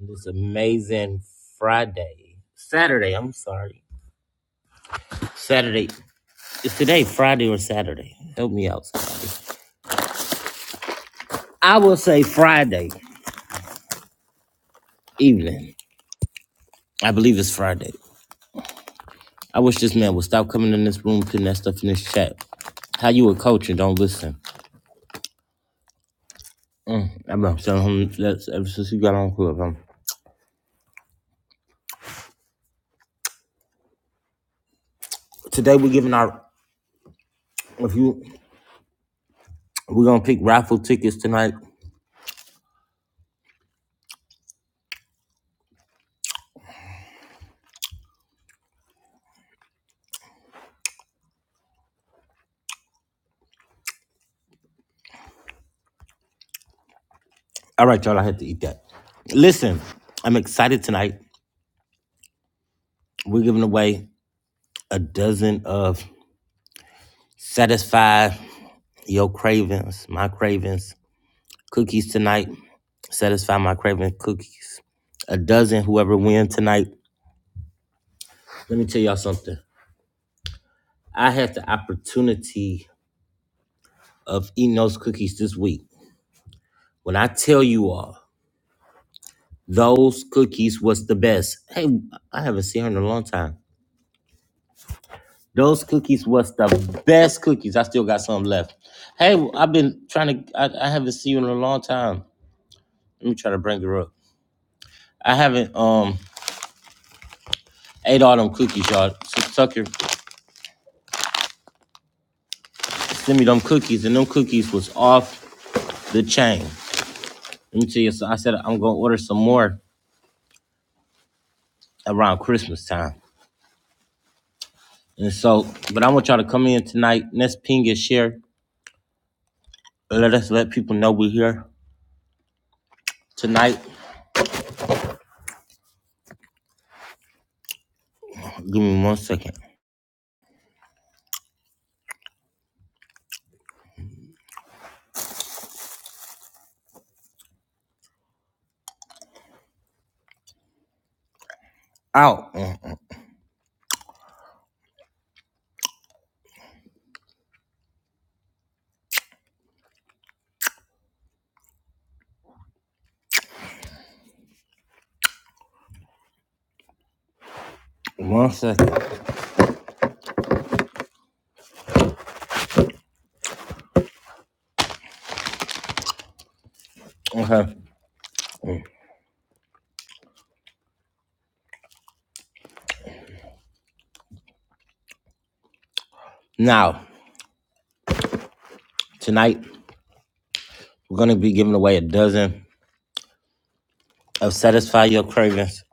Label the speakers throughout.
Speaker 1: on this amazing Friday, Saturday. I'm sorry, Saturday. Is today Friday or Saturday? Help me out. I will say Friday evening. I believe it's Friday. I wish this man would stop coming in this room putting that stuff in this chat. How you a coach and don't listen? Mm, I've been telling him that ever since he got on club. Um, today we're giving our if you we're gonna pick raffle tickets tonight. All right, y'all. I had to eat that. Listen, I'm excited tonight. We're giving away. a dozen of satisfy your cravings, my cravings cookies tonight. Satisfy my cravings. cookies. A dozen, whoever wins tonight. Let me tell y'all something. I had the opportunity of eating those cookies this week. When I tell you all, those cookies was the best. Hey, I haven't seen her in a long time. Those cookies was the best cookies. I still got some left. Hey, I've been trying to. I, I haven't seen you in a long time. Let me try to bring her up. I haven't. Um, ate all them cookies, y'all. S- Sucker sent me them cookies, and them cookies was off the chain. Let me tell you, so I said I'm gonna order some more around Christmas time. And so, but I want y'all to come in tonight. Let's ping and share. Let us let people know we're here tonight. Give me one second. Out. Mm, One second. Okay. Now, tonight, we're gonna be giving away a dozen of Satisfy Your Cravings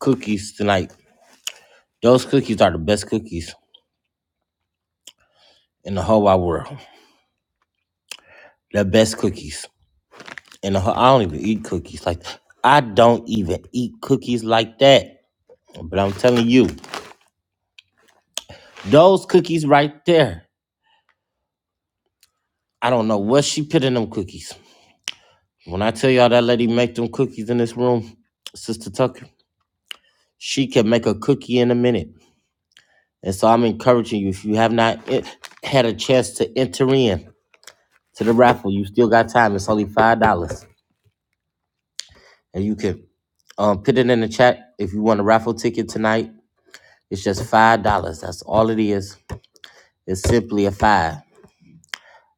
Speaker 1: cookies tonight. Those cookies are the best cookies in the whole wide world. the best cookies. And I don't even eat cookies like I don't even eat cookies like that. But I'm telling you, those cookies right there. I don't know what she put in them cookies. When I tell y'all that lady make them cookies in this room, Sister Tucker, she can make a cookie in a minute. And so I'm encouraging you if you have not en- had a chance to enter in to the raffle, you still got time. It's only five dollars, and you can um, put it in the chat if you want a raffle ticket tonight It's just five dollars. That's all it is. It's simply a five.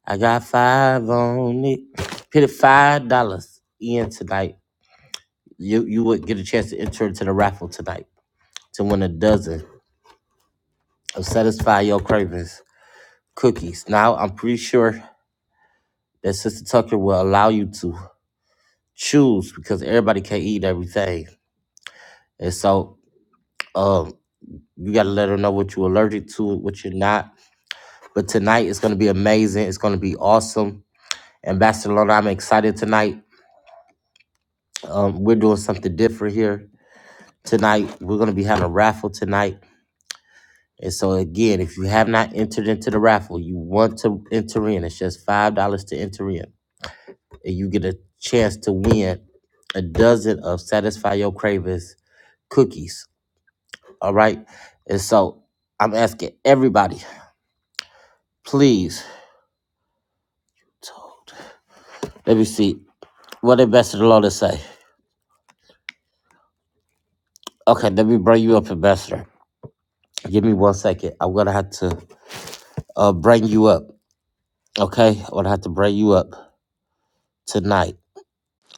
Speaker 1: I got five on it. Put it five dollars in tonight. You you would get a chance to enter into the raffle tonight to win a dozen of satisfy your cravings cookies. Now I'm pretty sure that Sister Tucker will allow you to choose because everybody can't eat everything. And so um you gotta let her know what you're allergic to, what you're not. But tonight it's gonna be amazing. It's gonna be awesome. Ambassador Lona, I'm excited tonight. Um, we're doing something different here tonight. We're going to be having a raffle tonight. And so, again, if you have not entered into the raffle, you want to enter in. It's just $5 to enter in. And you get a chance to win a dozen of Satisfy Your Cravings cookies. All right. And so, I'm asking everybody, please, let me see. What did Ambassador Lona say? Okay, let me bring you up, Ambassador. Give me one second. I'm going to have to. uh, bring you up. Okay, I'm gonna have to bring you up tonight.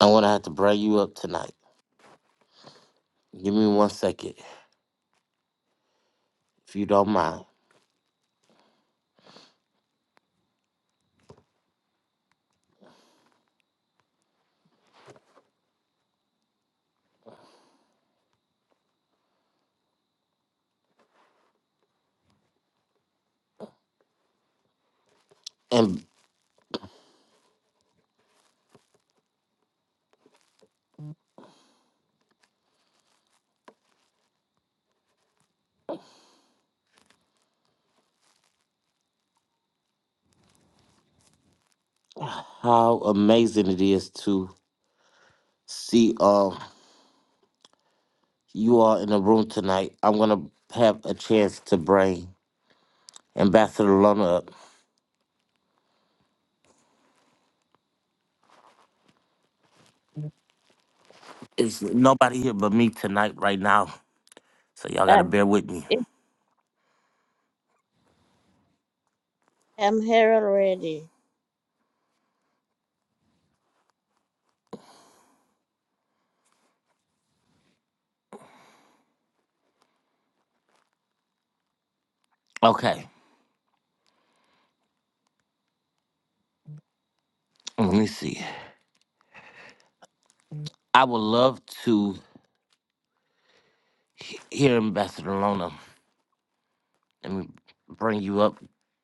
Speaker 1: I'm gonna have to bring you up tonight. Give me one second, if you don't mind. And how amazing it is to see um you all in the room tonight. I'm gonna have a chance to bring Ambassador Lona up. It's nobody here but me tonight, right now. So y'all gotta
Speaker 2: Uh,
Speaker 1: bear with me.
Speaker 2: it, I'm here already.
Speaker 1: Okay, let me see. I would love to he- hear Ambassador Lona. Let me bring you up.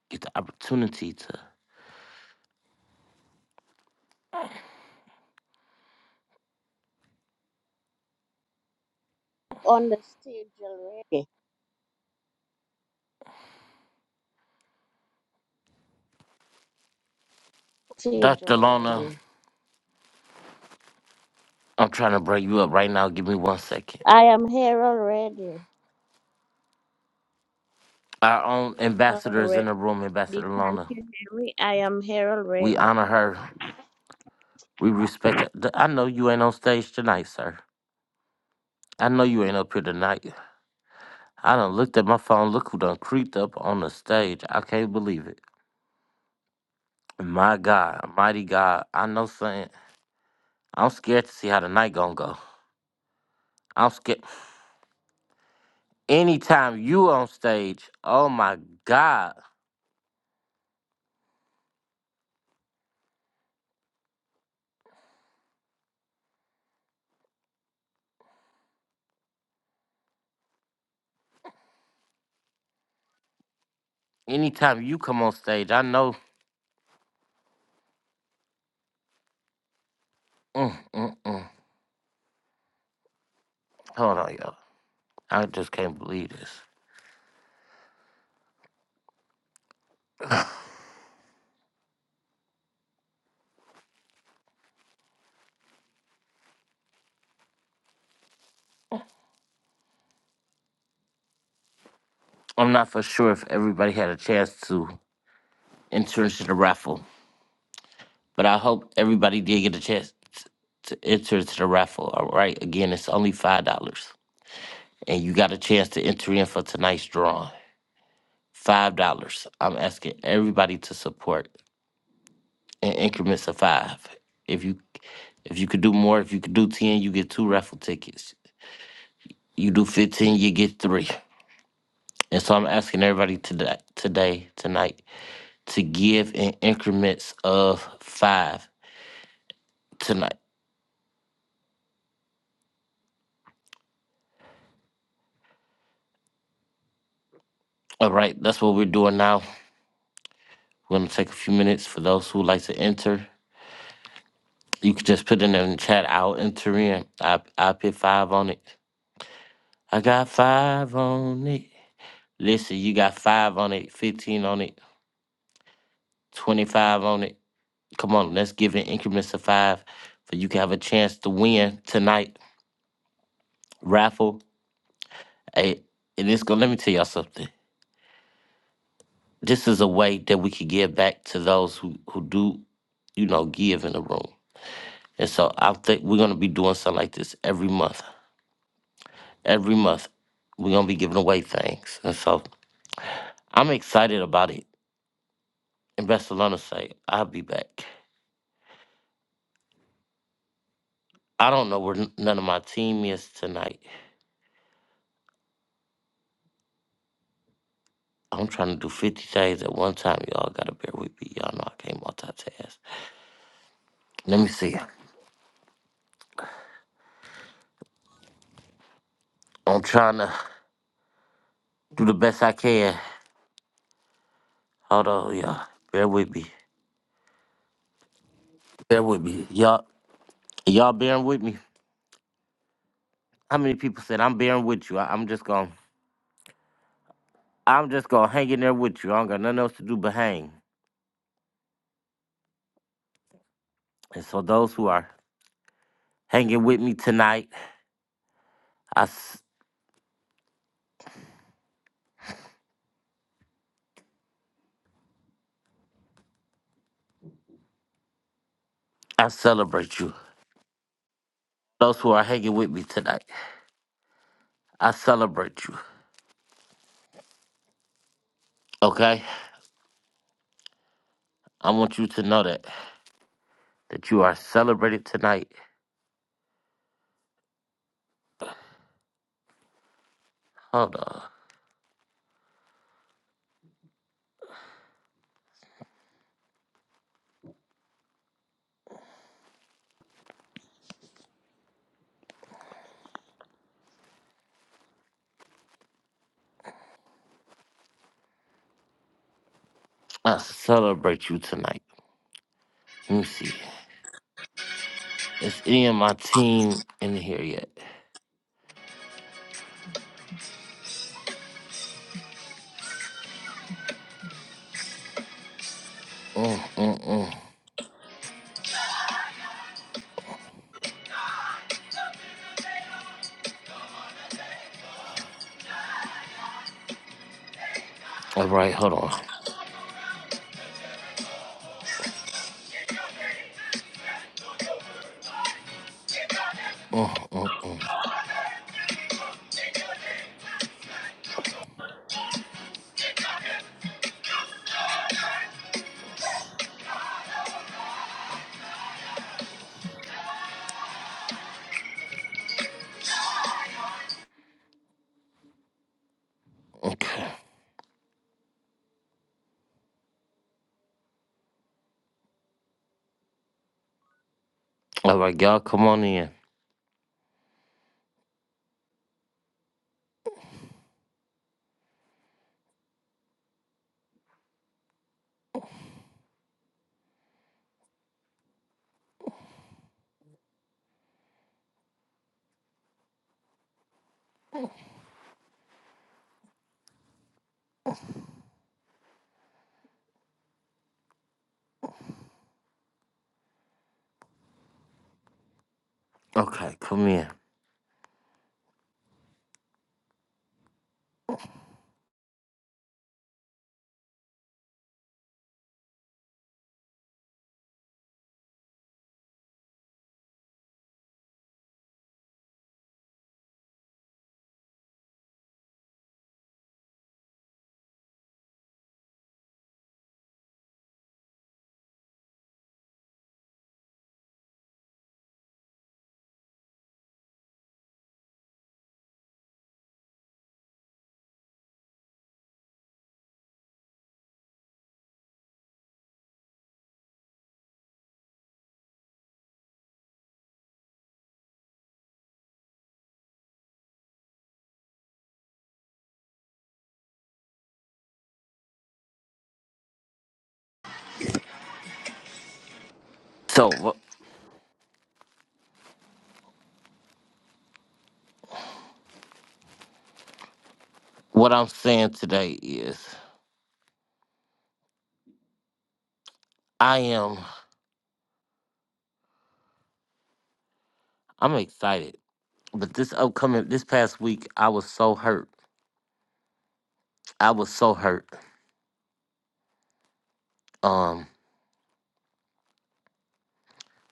Speaker 1: Get the opportunity to.
Speaker 2: On the stage already. Stage
Speaker 1: Dr. Lona,
Speaker 2: already.
Speaker 1: I'm trying to bring you up right now. Give me one second.
Speaker 2: I am here already.
Speaker 1: Our own ambassador is in
Speaker 2: Already.
Speaker 1: the room, Ambassador
Speaker 2: Can't
Speaker 1: Lona.
Speaker 2: you hear me? I am here
Speaker 1: We
Speaker 2: already.
Speaker 1: honor her. We respect her. Th- I know you ain't on stage tonight, sir. I know you ain't up here tonight. I done looked at my phone. Look who done creeped up on the stage. I can't believe it. My God, mighty God. I know something. I'm scared to see how the night gonna go. I'm scared. Anytime you on stage, oh my God. Anytime you come on stage, I know. Mm, mm, mm. Hold on, y'all. I just can't believe this. I'm not for sure if everybody had a chance to enter into the raffle, but I hope everybody did get a chance t- to enter into the raffle. All right. Again, it's only $5. And you got a chance to enter in for tonight's drawing. $5. I'm asking everybody to support in increments of five. If you if you could do more, if you could do 10, you get two raffle tickets. You do 15, you get three. And so I'm asking everybody today, today, tonight, to give in increments of five tonight. All right, that's what we're doing now. We're gonna take a few minutes for those who like to enter. You can just put it in the chat. I'll enter in. I I put five on it. I got five on it. Listen, you got five on it, fifteen on it, twenty-five on it. Come on, let's give it increments of five, so you can have a chance to win tonight raffle. Hey, and it's gonna let me tell y'all something. This is a way that we can give back to those who who do, you know, give in the room. And so I think we're gonna be doing something like this every month. Every month, we're gonna be giving away things. And so I'm excited about it. And Barcelona say, I'll be back. I don't know where n- none of my team is tonight. I'm trying to do 50 things at one time. Y'all gotta bear with me. Y'all know I can't multitask. Let me see. I'm trying to do the best I can. Hold on, y'all. Bear with me. Bear with me. Y'all, y'all bearing with me. How many people said I'm bearing with you? I, I'm just gonna, I'm just gonna hang in there with you. I don't got nothing else to do but hang. And so those who are hanging with me tonight, I, s- I celebrate you. Those who are hanging with me tonight, I celebrate you. Okay, I want you to know that that you are celebrated tonight. Hold on, I celebrate you tonight. Let me see. Is any of my team in here yet? Mm-mm-mm. All right, hold on. Mm, mm, mm. Okay. All right, y'all, come on in. Okay, come in. So, wh- what I'm saying today is, I am, I'm excited. But this upcoming, this past week, I was so hurt. I was so hurt. Um,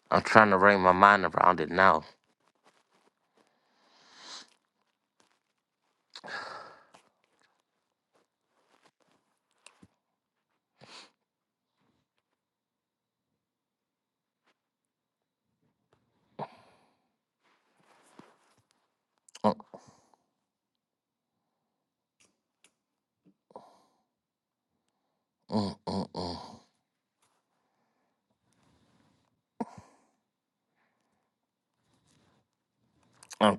Speaker 1: I'm trying to wrap my mind around it now. Mm, mm, mm, mm. I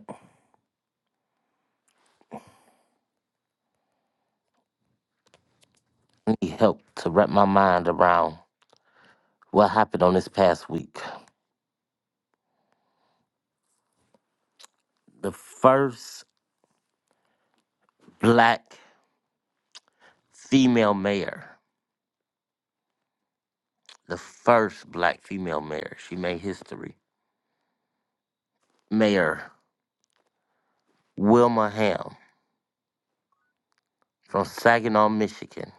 Speaker 1: need help to wrap my mind around what happened on this past week. The first black female mayor. the first black female mayor. She made history. Mayor Wilma Ham from Saginaw, Michigan,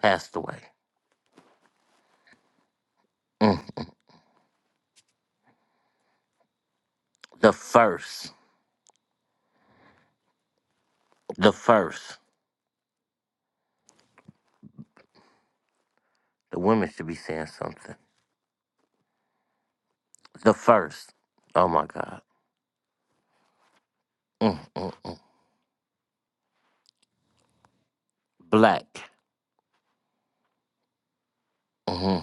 Speaker 1: passed away. Mm. The first. The first. The women should be saying something. The first. Oh my God. Mm, mm. Black. hmm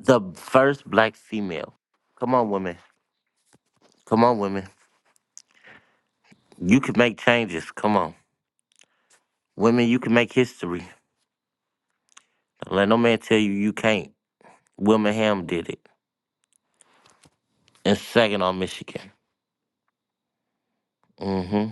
Speaker 1: The first black female. Come on, women. Come on, women. You can make changes. Come on. Women, you can make history. Don't let no man tell you you can't. Wilma Ham did it in Saginaw, Michigan. hmm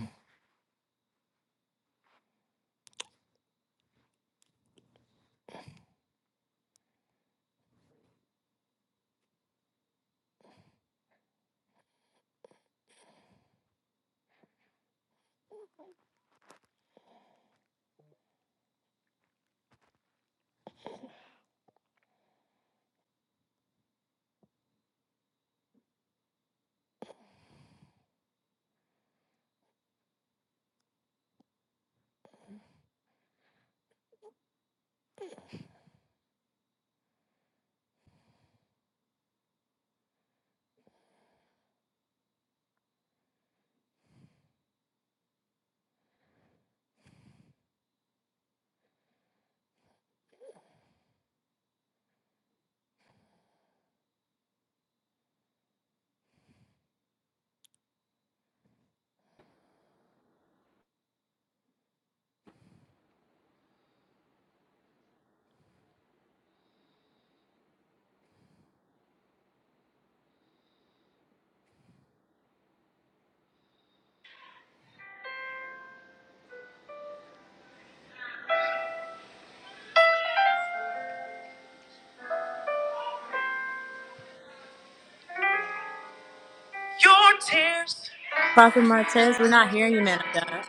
Speaker 3: Your tears
Speaker 4: Prophet Martez, we're not hearing you, man of God.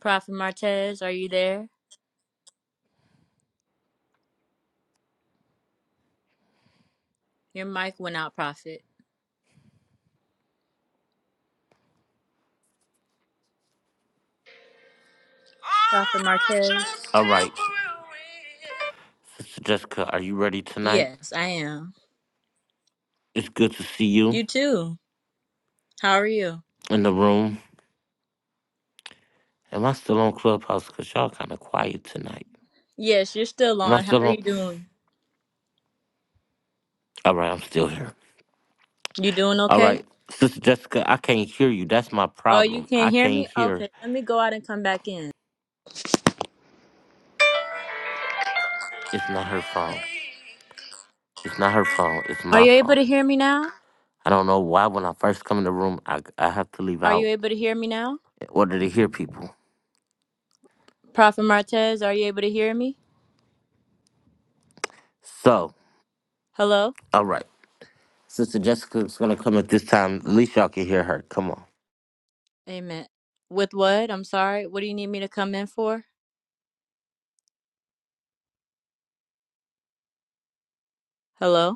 Speaker 4: Prophet Martez, are you there? Your mic went out, Prophet. Prophet
Speaker 3: are
Speaker 4: Martez?
Speaker 3: just
Speaker 1: All right,
Speaker 3: temporary.
Speaker 1: Sister Jessica, are you ready tonight?
Speaker 4: Yes, I am.
Speaker 1: It's good to see you
Speaker 4: You too. How are you?
Speaker 1: in the room. Am I still on Clubhouse? Cause y'all kind of quiet tonight.
Speaker 4: Yes, you're still
Speaker 1: Am I
Speaker 4: on. How
Speaker 1: still
Speaker 4: are
Speaker 1: on?
Speaker 4: you doing?
Speaker 1: All right, I'm still here.
Speaker 4: You doing
Speaker 1: All
Speaker 4: okay?
Speaker 1: right, Sister Jessica, I can't hear you. That's my
Speaker 4: Oh, you
Speaker 1: problem. I
Speaker 4: can't hear
Speaker 1: can't
Speaker 4: me?
Speaker 1: hear.
Speaker 4: Okay, let me go out and come back in.
Speaker 1: It's not her phone.
Speaker 3: Really,
Speaker 1: It's not her phone. It's
Speaker 4: Are
Speaker 1: my
Speaker 4: you able
Speaker 1: phone.
Speaker 4: to hear me now?
Speaker 1: I don't know why when I first come in the room, I, I have to leave
Speaker 4: Are you
Speaker 1: out
Speaker 4: able to hear me now?
Speaker 1: in order to hear people.
Speaker 4: Prophet Martez, are you able to hear me?
Speaker 1: So,
Speaker 4: Hello?
Speaker 1: all right, Sister Jessica's gonna come at this time. At least y'all can hear her. Come on.
Speaker 4: Amen. With what? I'm sorry. What do you need me to come in for? Hello?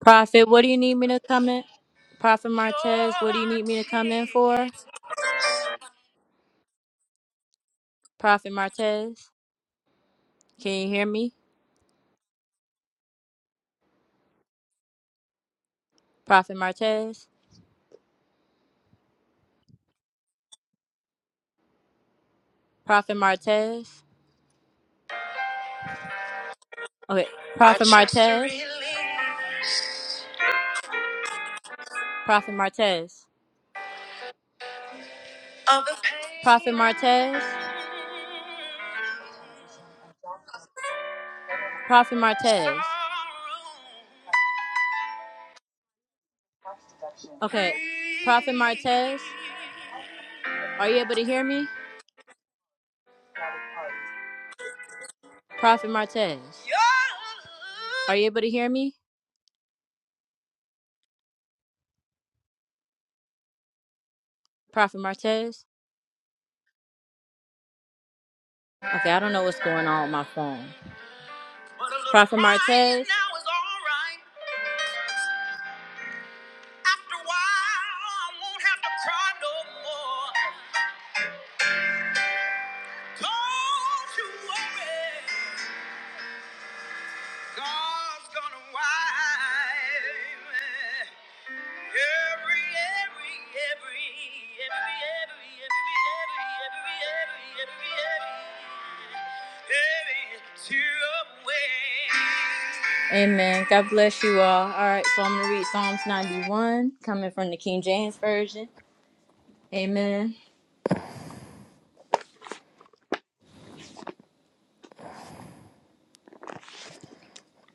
Speaker 4: Prophet, what do you need me to come in? Prophet Martez, what do you
Speaker 3: your
Speaker 4: need me to come in for?
Speaker 3: tears
Speaker 4: Prophet Martez, can you hear me? Prophet Martez, Prophet Martez. Okay,
Speaker 3: are
Speaker 4: Prophet
Speaker 3: just a
Speaker 4: Martez,
Speaker 3: release
Speaker 4: Prophet Martez,
Speaker 3: of the
Speaker 4: Prophet
Speaker 3: pain.
Speaker 4: Martez,
Speaker 5: Transition and jobs, bettering our
Speaker 4: Prophet
Speaker 5: economy
Speaker 4: Martez.
Speaker 3: Sorrow.
Speaker 5: by veterans and tax deduction and
Speaker 3: Free.
Speaker 4: Okay,
Speaker 5: new
Speaker 4: Prophet
Speaker 5: jobs.
Speaker 4: Martez,
Speaker 5: How to spread
Speaker 4: are you able to hear me?
Speaker 5: patriotic hearts.
Speaker 4: Prophet Martez,
Speaker 3: Your
Speaker 4: are
Speaker 3: love.
Speaker 4: you able to hear me? Prophet Martez. Okay, I don't know what's going on with my phone.
Speaker 3: But a little
Speaker 4: Prophet
Speaker 3: crying
Speaker 4: Martez.
Speaker 3: now is alright. After a while, I won't have to cry no more. Don't you worry, God's gonna wipe every, every, every, every, every, every, every, every, every, every, every, every tear away.
Speaker 4: Amen. God bless you all. All right, so I'm going to read Psalms 91 coming from the King James Version. Amen.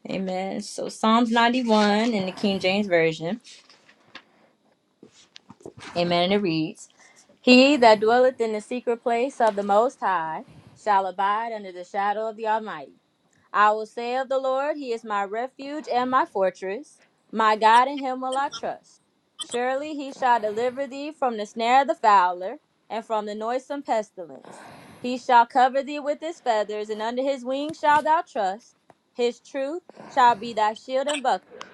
Speaker 4: Amen. So Psalms 91 in the King James Version. Amen. And it reads He that dwelleth in the secret place of the Most High shall abide under the shadow of the Almighty. I will say of the Lord, He is my refuge and my fortress. My God, in Him will I trust. Surely He shall deliver thee from the snare of the fowler and from the noisome pestilence. He shall cover thee with His feathers, and under His wings shalt thou trust. His truth shall be thy shield and buckler.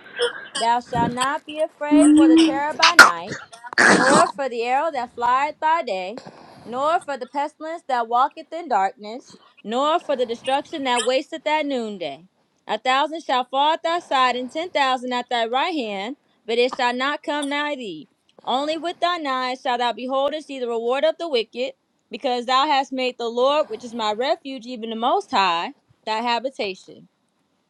Speaker 4: Thou shalt not be afraid for the terror by night, nor for the arrow that flieth by day, nor for the pestilence that walketh in darkness nor for the destruction that wasteth at noonday. A thousand shall fall at thy side, and ten thousand at thy right hand, but it shall not come nigh thee. Only with thine eyes shalt thou behold and see the reward of the wicked, because thou hast made the Lord, which is my refuge, even the Most High, thy habitation.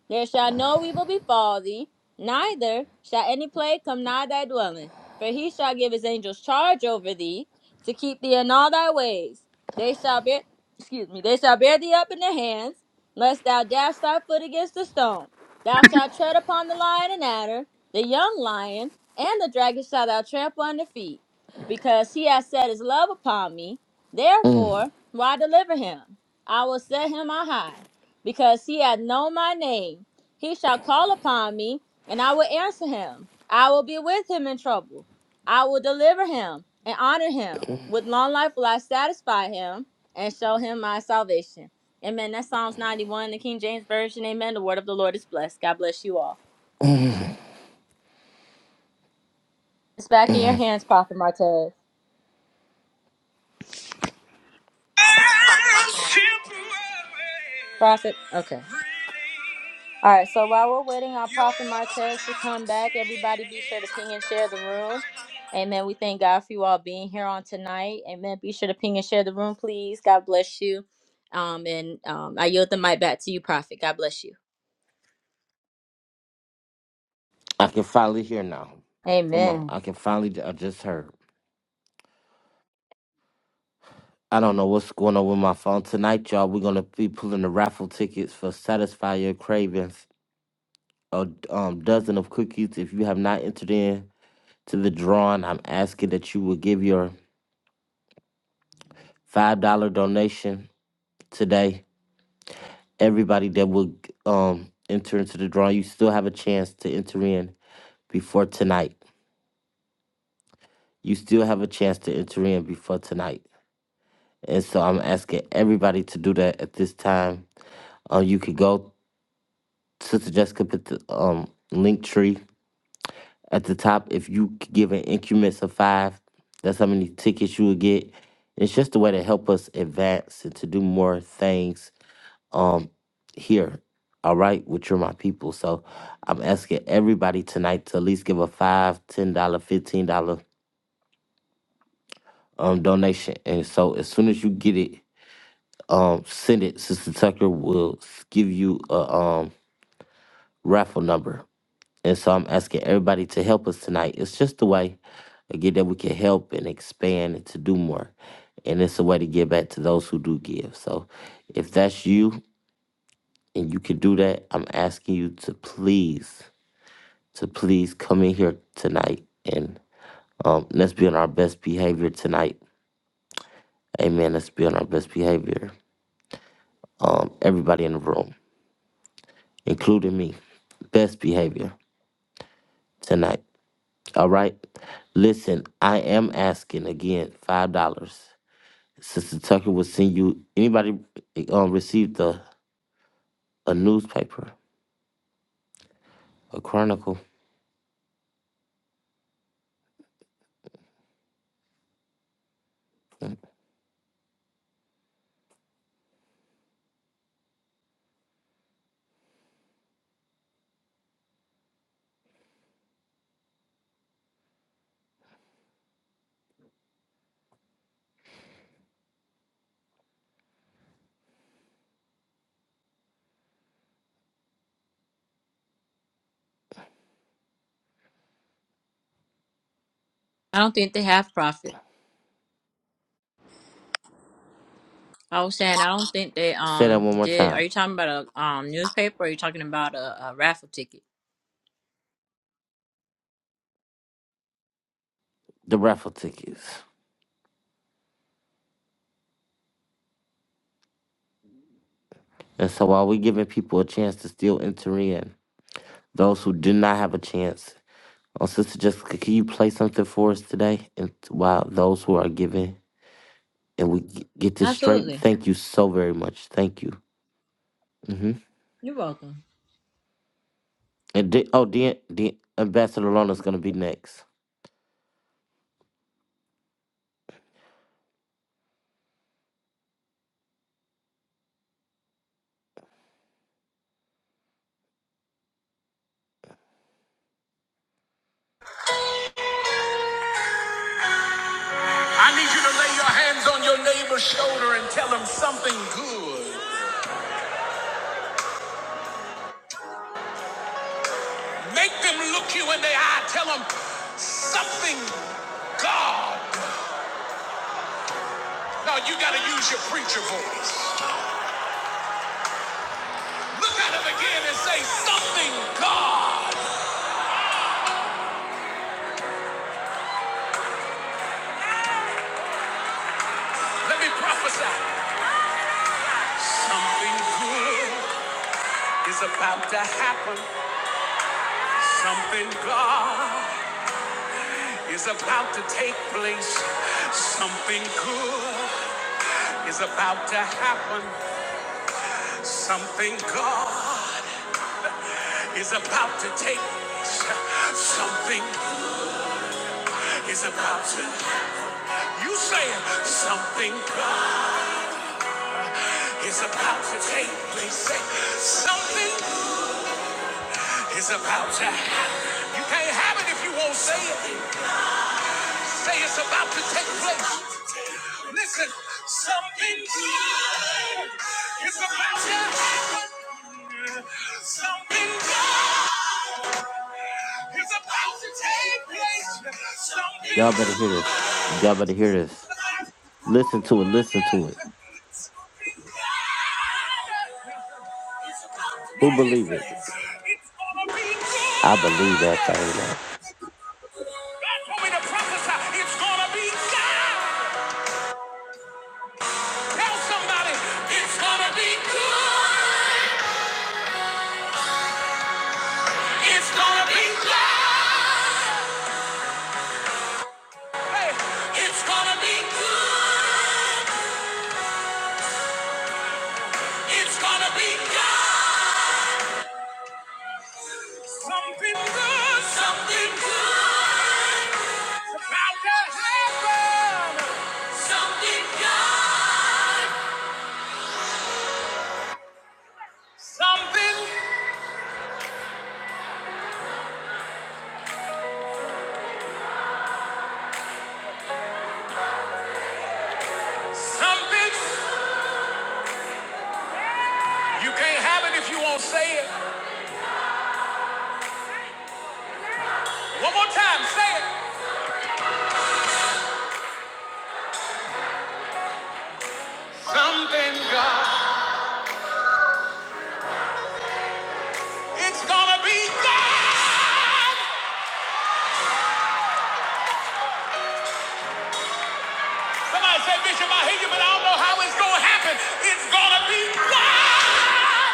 Speaker 4: There shall no evil befall thee, neither shall any plague come nigh thy dwelling. For he shall give his angels charge over thee, to keep thee in all thy ways. They shall bear, excuse me, they shall bear thee up in their hands, lest thou dash thy foot against a stone. Thou shalt tread upon the lion and adder, the young lion, and the dragon shall thou trample under feet, because he has set his love upon me. Therefore, will I deliver him? I will set him on high because he hath known my name. He shall call upon me, and I will answer him. I will be with him in trouble. I will deliver him and honor him. With long life will I satisfy him and show him my salvation. Amen. That's Psalms 91, the King James Version. Amen. The word of the Lord is blessed. God bless you all. It's back in your hands, Prophet Martez.
Speaker 3: It's temporary.
Speaker 4: Prophet. Okay.
Speaker 3: Bring
Speaker 4: All right, so while we're waiting on Prophet
Speaker 3: your
Speaker 4: Martez to come back, everybody be sure to ping and share the room.
Speaker 3: tears.
Speaker 4: Amen. We thank God for you all being here on tonight. Amen. Be sure to ping and share the room, please. God bless you. Um, and um, I yield the mic back to you, Prophet. God bless you.
Speaker 1: I can finally hear now. Come on,
Speaker 4: Amen.
Speaker 1: I can finally. I just heard. I don't know what's going on with my phone tonight, y'all. We're gonna be pulling the raffle tickets for Satisfy Your Cravings, a um, dozen of cookies. If you have not entered in to the drawing, I'm asking that you will give your five dollar donation today. Everybody that will um enter into the drawing, you still have a chance to enter in before tonight. You still have a chance to enter in before tonight. And so I'm asking everybody to do that at this time. Uh, you could go, Sister Jessica, put the um, link tree at the top. If you c- give an increments of five, that's how many tickets you would get. It's just a way to help us advance and to do more things um, here, all right, with You're My People. So I'm asking everybody tonight to at least give a five, ten dollar, $15 um, donation. And so as soon as you get it, um send it, Sister Tucker will s- give you a um raffle number. And so I'm asking everybody to help us tonight. It's just a way again that we can help and expand and to do more. And it's a way to give back to those who do give. So if that's you and you can do that, I'm asking you to please, to please come in here tonight and um let's be on our best behavior tonight. Amen. Let's be on our best behavior. Um everybody in the room, including me. Best behavior. tonight. All right. Listen, I am asking again five dollars. Sister Tucker will send you anybody um received a, a newspaper, a chronicle.
Speaker 4: I don't think they have Prophet. I was saying I don't think they
Speaker 1: Say that
Speaker 4: um
Speaker 1: one more
Speaker 4: did. Are
Speaker 1: time.
Speaker 4: you talking about a um newspaper? Or are you talking about a, a raffle ticket?
Speaker 1: The raffle tickets. And so while we're giving people a chance to still enter in, those who did not have a chance, oh Sister Jessica, can you play something for us today? And while those who are giving and we g- get this straight,
Speaker 4: Absolutely.
Speaker 1: thank you so very much. Thank you. Mhm.
Speaker 4: You're welcome.
Speaker 1: And D- oh, the D- Ambassador Lona's gonna be next.
Speaker 4: I need you to lay your hands on your neighbor's shoulder and tell them something good. Make them look you in the eye. Tell them something God. No, you got to use your preacher voice. Look at them again and say something God. Let me prophesy. Something good is about to happen. Something God is about to take place. Something good is about to happen. Something God is about to take place. something is about to you say it. something is about to take place say something is about to happen you can't have it if you won't say it say it's about to take place. Listen, something good is about to happen. Something good is about to take place. Something
Speaker 1: Y'all better hear this.
Speaker 4: good.
Speaker 1: Y'all better hear this. Listen to it. Listen to it.
Speaker 4: Now
Speaker 1: Who believe it?
Speaker 4: listen, it's gonna
Speaker 1: I believe that
Speaker 4: be good.
Speaker 1: thing, y'all.
Speaker 4: God told me to prophesy. It's gonna be God. Tell somebody, it's gonna be good. It's gonna be God. Hey, it's gonna be good. It's gonna be God. Something good. Something good. It's about to happen. Something good. Something. Something. You can't have it if you won't say it. One more time, say it. Something God. It's gonna be God. Somebody said, Bishop, I hear you, but I don't know how it's gonna happen. It's gonna be God.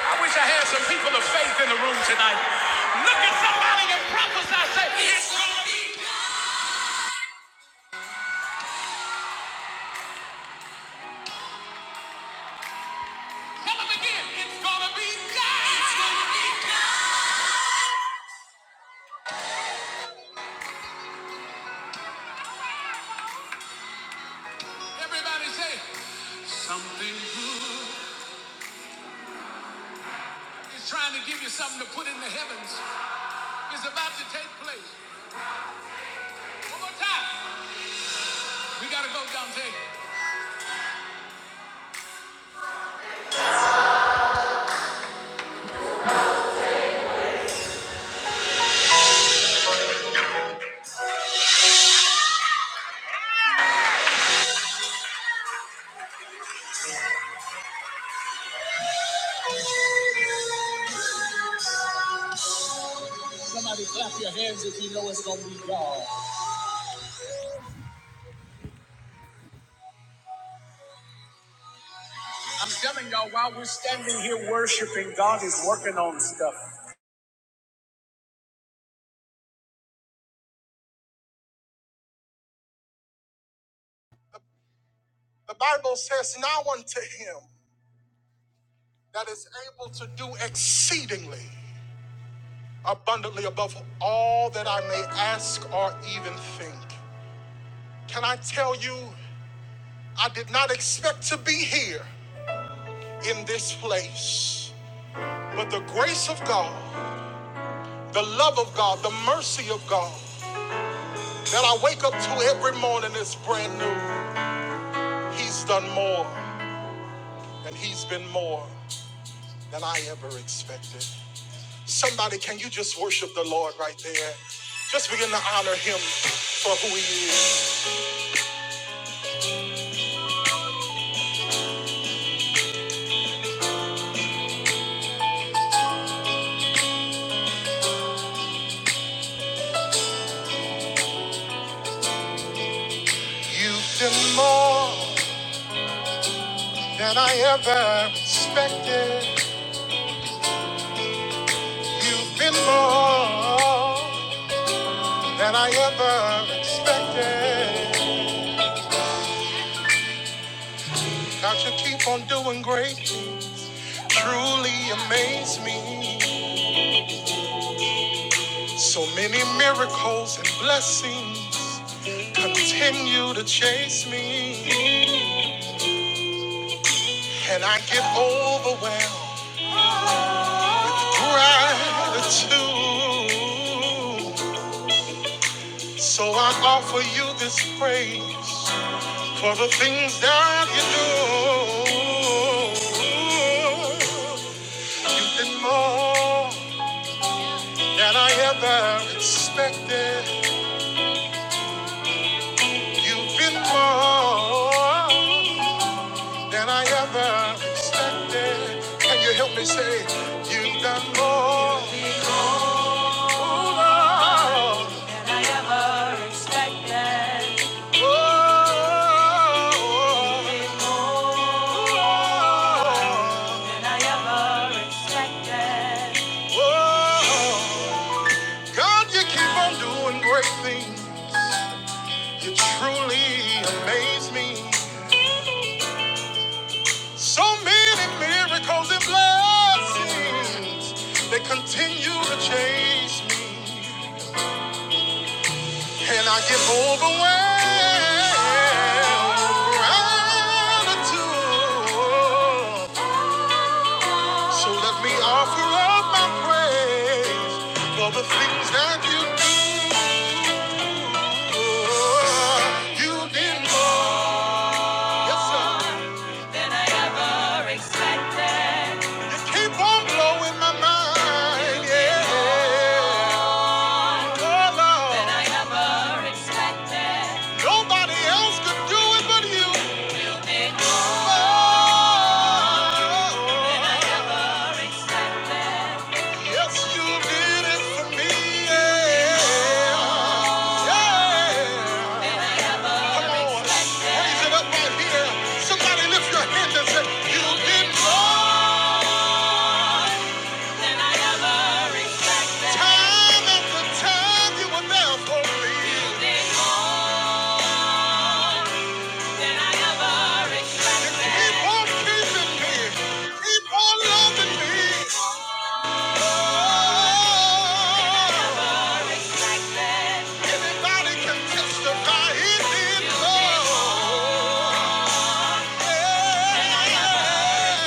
Speaker 4: I wish I had some people of faith in the room tonight. Look at somebody and prophesy, say, It's gonna be God. Tell them again, it's gonna be God. It's gonna be God. Everybody say, Something good. It's trying to give you something to put in the heavens. It's about to take place. One more time. We gotta go, Dante. The Bible says, Now unto him that is able to do exceedingly abundantly above all that I may ask or even think. Can I tell you, I did not expect to be here in this place, but the grace of God, the love of God, the mercy of God that I wake up to every morning is brand new. He's done more, and He's been more than I ever expected. Somebody, can you just worship the Lord right there? Just begin to honor him for who he is. You've been more than I ever expected. You've been more than I ever expected. God, you keep on doing great things. Truly amaze me. So many miracles and blessings continue to chase me. And I get overwhelmed gratitude. So I offer you this praise for the things that you do. You've been more than I ever expected. You've been more than I ever expected. Can you help me say, You've done more? Oh, Lord. God, you keep on doing great things. You truly amaze me. So many miracles and blessings, they continue to chase me. And I get overwhelmed with gratitude. So let me offer up my praise for the things that you do. You did more. Yes, sir. You keep on blowing my mind. Yeah. Oh, Lord. Nobody else could do it but you. Yes, you did it for me. Yeah. Yeah. Come on. Raise it up right here. Somebody lift your hands and say, You did more. Time after time, you were there for me. You keep on keeping me. You Keep on loving me. Oh. Anybody can testify he did so. Yeah.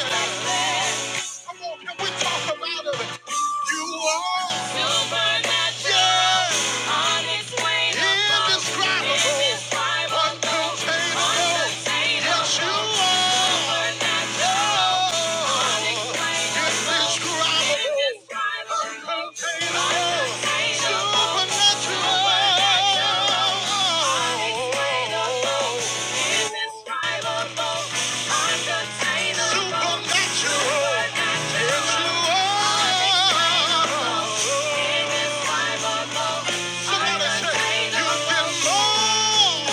Speaker 4: Come on, can we talk about it? You are supernatural, unexplainable, indescribable, indescribable, uncontainable. Yes, you are. Supernatural, indescribable, uncontainable, supernatural. Indescribable, supernatural, yes, you are. Indescribable, Somebody say,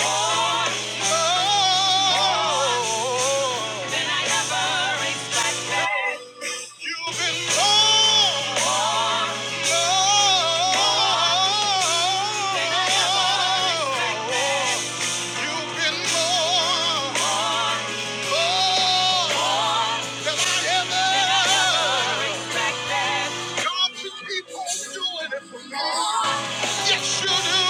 Speaker 4: more, more than I ever expected." You've been more, more, more than I ever expected. You've been more, more than I ever expected. God, you keep doing it for me. Yes, you do.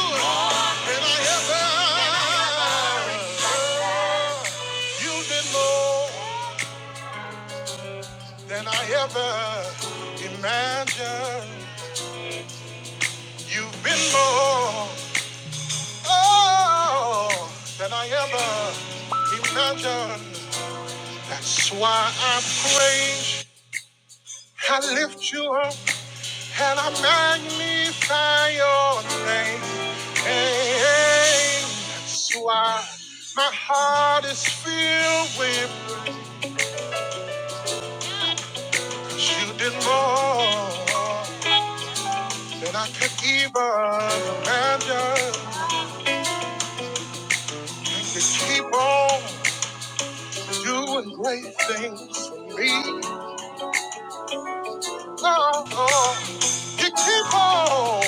Speaker 4: more than I ever imagined. You've been more, oh, than I ever imagined. That's why I praise, I lift you up, and I magnify your name. Hey, that's why my heart is filled with praise. you did more than I could even imagine. you keep on doing great things for me. Oh, oh. you keep on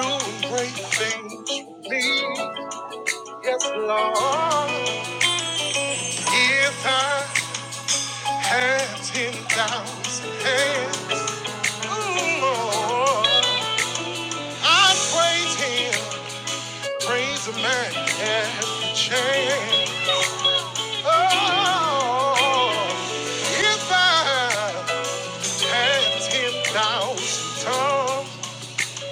Speaker 4: doing great things for me. Yes, Lord. If I had 10,000 hands, mm, oh, I'd praise Him, praise the man every chance. Oh, if I had 10,000 tongues,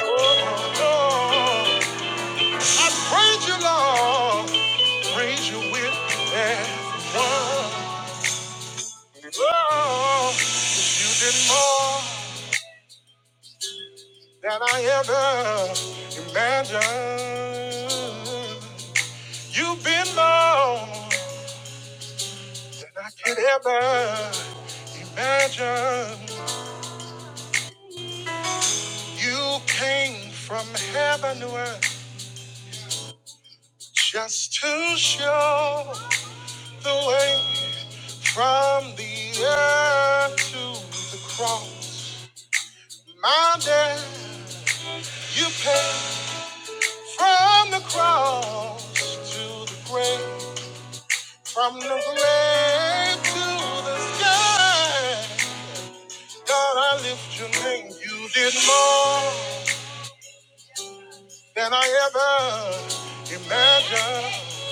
Speaker 4: oh, oh, praise you, Lord, praise you with everyone. Oh, you did more than I ever imagined. You've been more than I could ever imagine. You came from heaven to earth just to show the way from the earth to the cross. My dad, you paid. From the cross to the grave, from the grave to the sky, God, I lift your name. You did more than I ever imagined.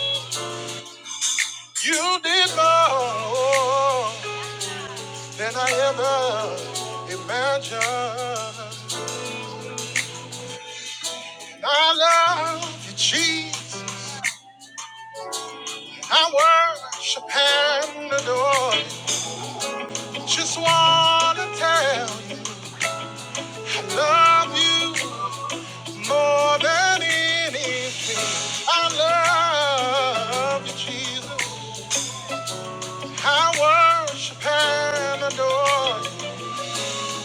Speaker 4: You did more than I ever imagined. I love you, Jesus. I worship and adore you. Just wanna tell you. I Love you more than anything. I love you, Jesus. I worship and adore you.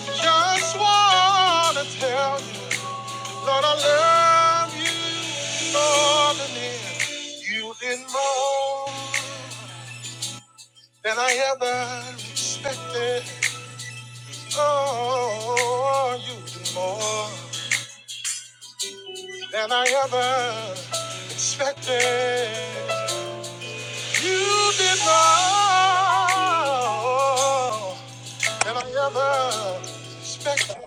Speaker 4: Just want to tell you, Lord, I love you more than anything. You did more than I ever expected. Oh, you did more than I ever expected. You did more than I ever suspected.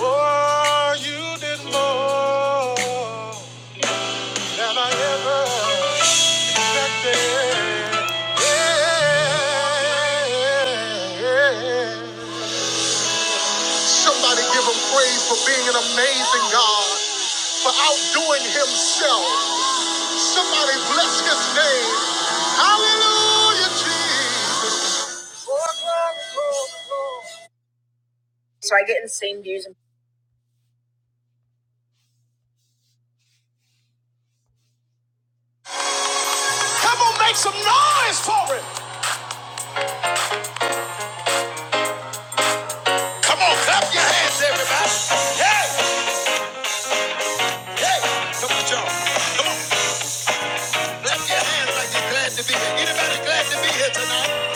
Speaker 4: Oh, you did more than I ever expected. Yeah. Somebody give him praise for being an amazing God, for outdoing himself. Somebody bless his name. Hallelujah, Jesus. Come on, make some noise for it. Come on, clap your hands, everybody. Hey, hey, come on, y'all. Come on, clap your hands like you're glad to be here. Anybody glad to be here tonight?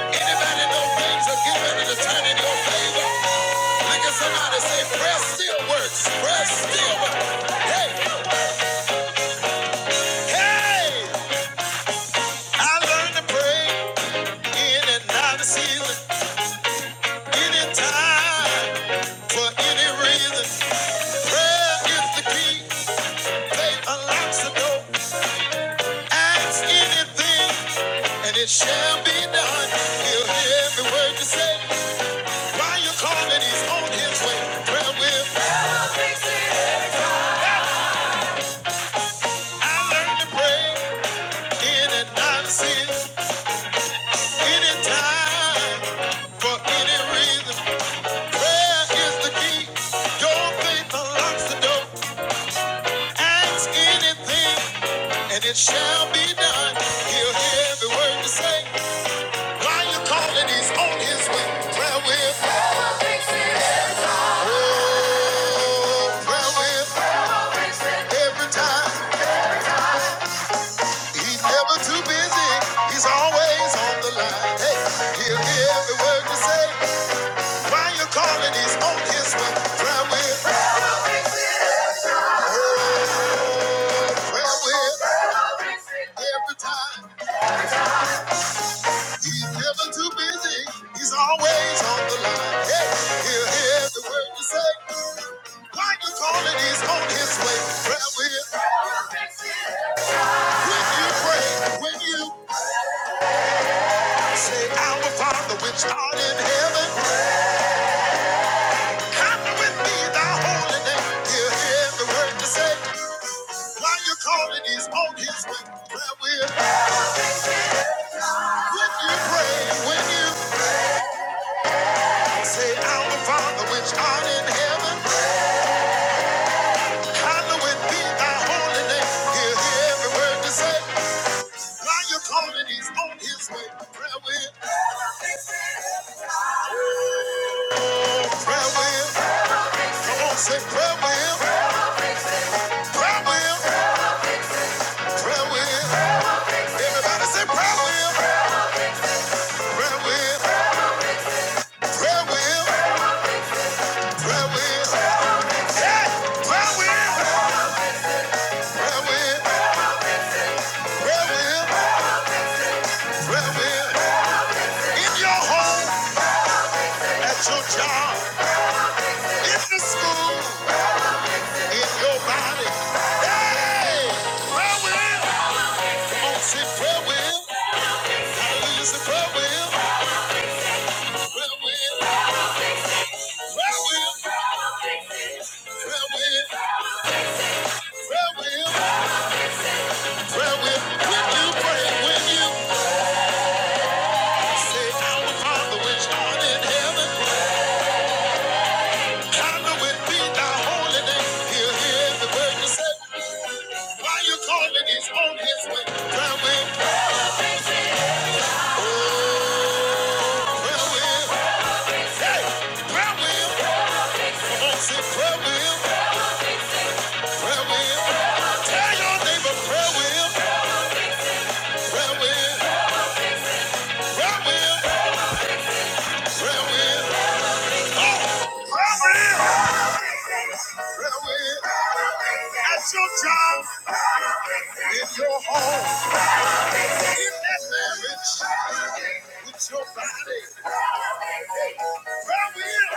Speaker 4: Anybody know things are given and are turning your favor? Look at somebody say, prayer still works. Prayer still works. Hey, hey, I learned to pray in and out of season, anytime. For any reason, prayer is the key. Faith unlocks the door. Ask anything, and it shall be done. He'll hear every word you say. While you're calling, he's on his way. Prayer will. help me see. I learned to pray in and out of sin, anytime, for any reason. Prayer is the key. Your faith unlocks the door. Ask anything, and it shall be done. He'll hear every word you say. While you're calling, he's on his way. Prayer will. Oh, prayer will. Every time. He's never too busy. He's always on the line. Hey, he'll hear every word you say. While you're calling, he's on his way. Prayer will. Prayer will. Every time. He's never too busy. He's always on the line. Hey, he'll hear the word you say. Why you calling? He's on his way. Prayer will. When you pray, when you say, Our Father which art in heaven, hallowed be thy holy name. He'll hear the word you say. Why you calling? He's on his way. Prayer will. When you pray, when you say, Our Father which art in heaven. Hallowed be thy holy name. Hear, hear every word you say. While you're calling, he's on his way. Prayer wheel, oh, prayer wheel. Come on, say prayer wheel, prayer wheel, prayer wheel. Everybody say prayer wheel, prayer wheel, prayer wheel, prayer wheel. Yeah, prayer wheel, prayer wheel, prayer wheel, prayer wheel. In your home, at your job, in the school, in your body. Hey, prayer wheel. Oh, say prayer will. Hallelujah, say prayer will. Prayer will. Prayer will. Prayer will. Prayer will. Prayer will. When you pray, when you say, Our Father which art in heaven, hallowed be thy holy name. He'll hear the word you say. Why you calling? He's on his way. Prayer will. Oh, prayer will. Hey, prayer will. Come on, say prayer will. prayer wheel. Tell your neighbor prayer wheel, prayer wheel, prayer wheel, prayer wheel, prayer wheel. In your home, in that marriage, with your body. Prayer wheel,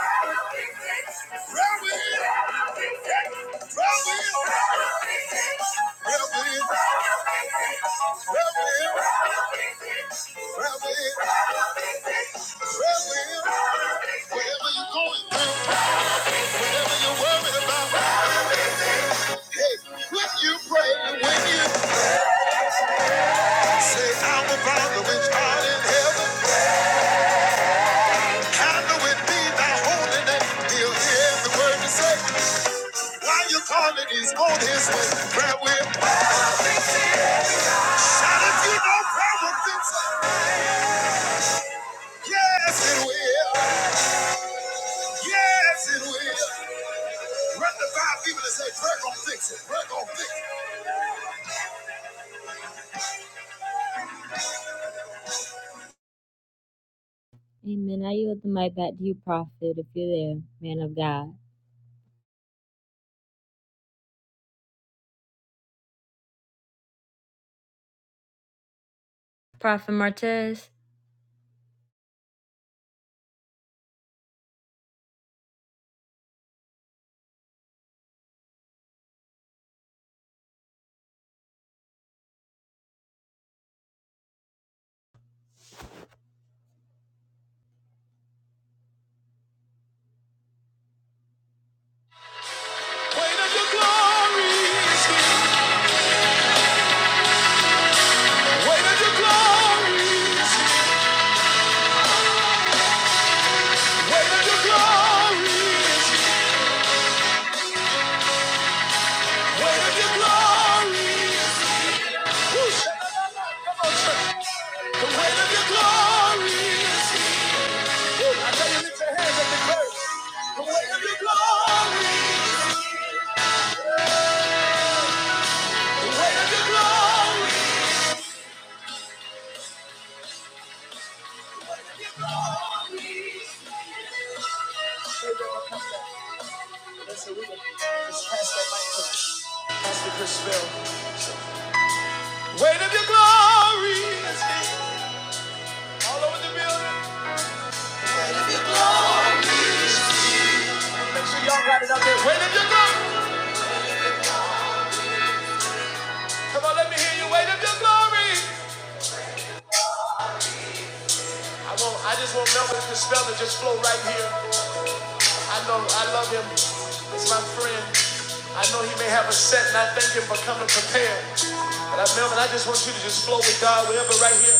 Speaker 4: prayer wheel, prayer wheel, prayer wheel, prayer wheel, prayer wheel, prayer wheel. Wherever you're going whatever you're worried about. Hey, when you pray, when you Say, I will Father which art in heaven, hallowed be thy holy name. He'll hear every word you say. While you're calling, he's on his way. Prayer will. Shout if you know prayer will fix it. Yes, it will. Yes, it will. Run the five people and say, prayer gonna fix it. Prayer gonna fix it. Amen. I yield the mic back to you, Prophet, if you're there, man of God. Prophet Martez. Wait on your glory. is here. Where did your glory is? Where your glory is? Where your glory is? Woo, Come on, The weight of your glory I tell you, all over the building. Make sure y'all got it out there. Weight of your glory. Come on, let me hear you. Weight of your glory. I won't, I just won't melt with the spell and just flow right here. I know I love him. He's my friend. I know he may have a set, and I thank him for coming prepared. But I, Melvin, I just want you to just flow with God wherever right here.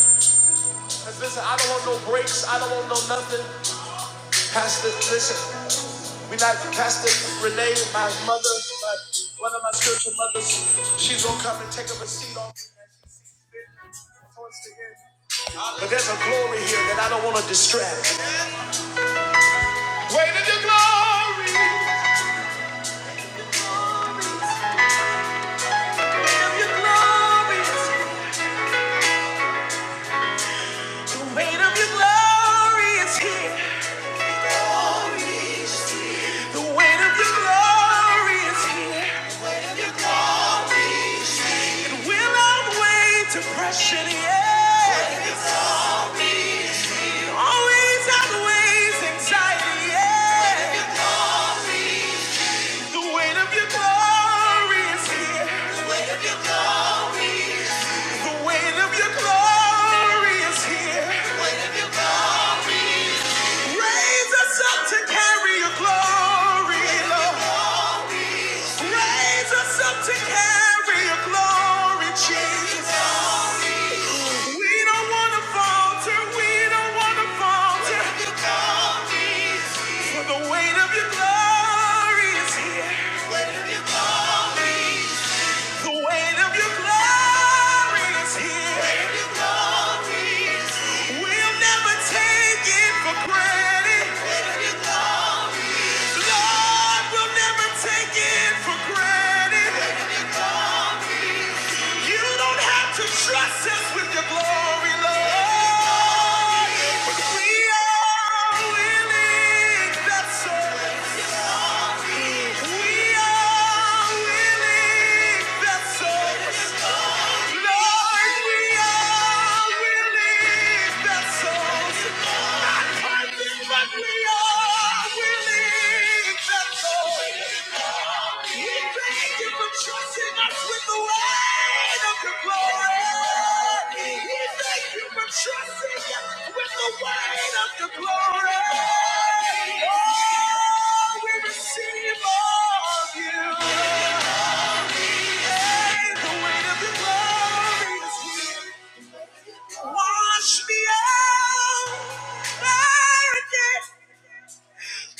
Speaker 4: Because listen, I don't want no breaks. I don't want no nothing. Pastor, listen, we like Pastor Renee, my mother, my, one of my spiritual mothers. She's going to come and take up a seat on me as she sees fit towards the end. But there's a glory here that I don't want to distract. Weight of your glory. The weight of your glory is here. The weight of your glory is here. It will outweigh depression, yeah. It always outweighs anxiety, yeah. The, weight- of your glory is here. The weight of your glory is here. We'll never take it for granted. Lord, we'll never take it for granted. You don't have to trust us with your glory, Lord. But we the weight of your glory. We thank you for trusting us with the weight of your glory. Oh, we receive all of you. Hey, the weight of your glory is here. Wash me out. Again.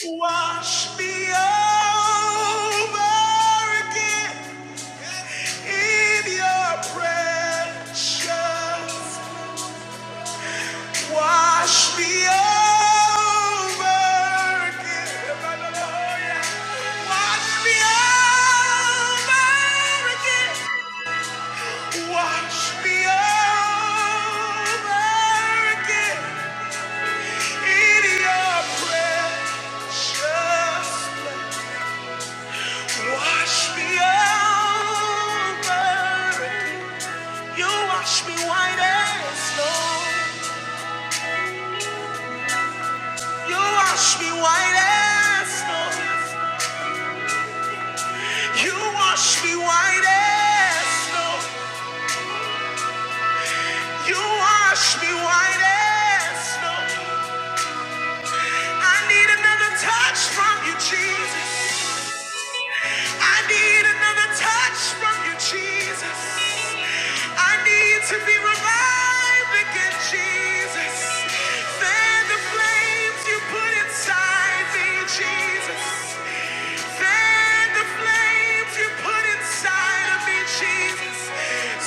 Speaker 4: Wash me over again in your precious. Wash me over again. Hallelujah. Wash me over again. Wash me over again in your precious. Wash me over. You wash me white as snow. You wash me white as snow. You wash me white as snow. You wash me white as snow. I need another touch from you, Jesus. I need a touch, Jesus. I need to be revived again, Jesus. Fan the flames you put inside me, Jesus. Fan the flames you put inside of me, Jesus.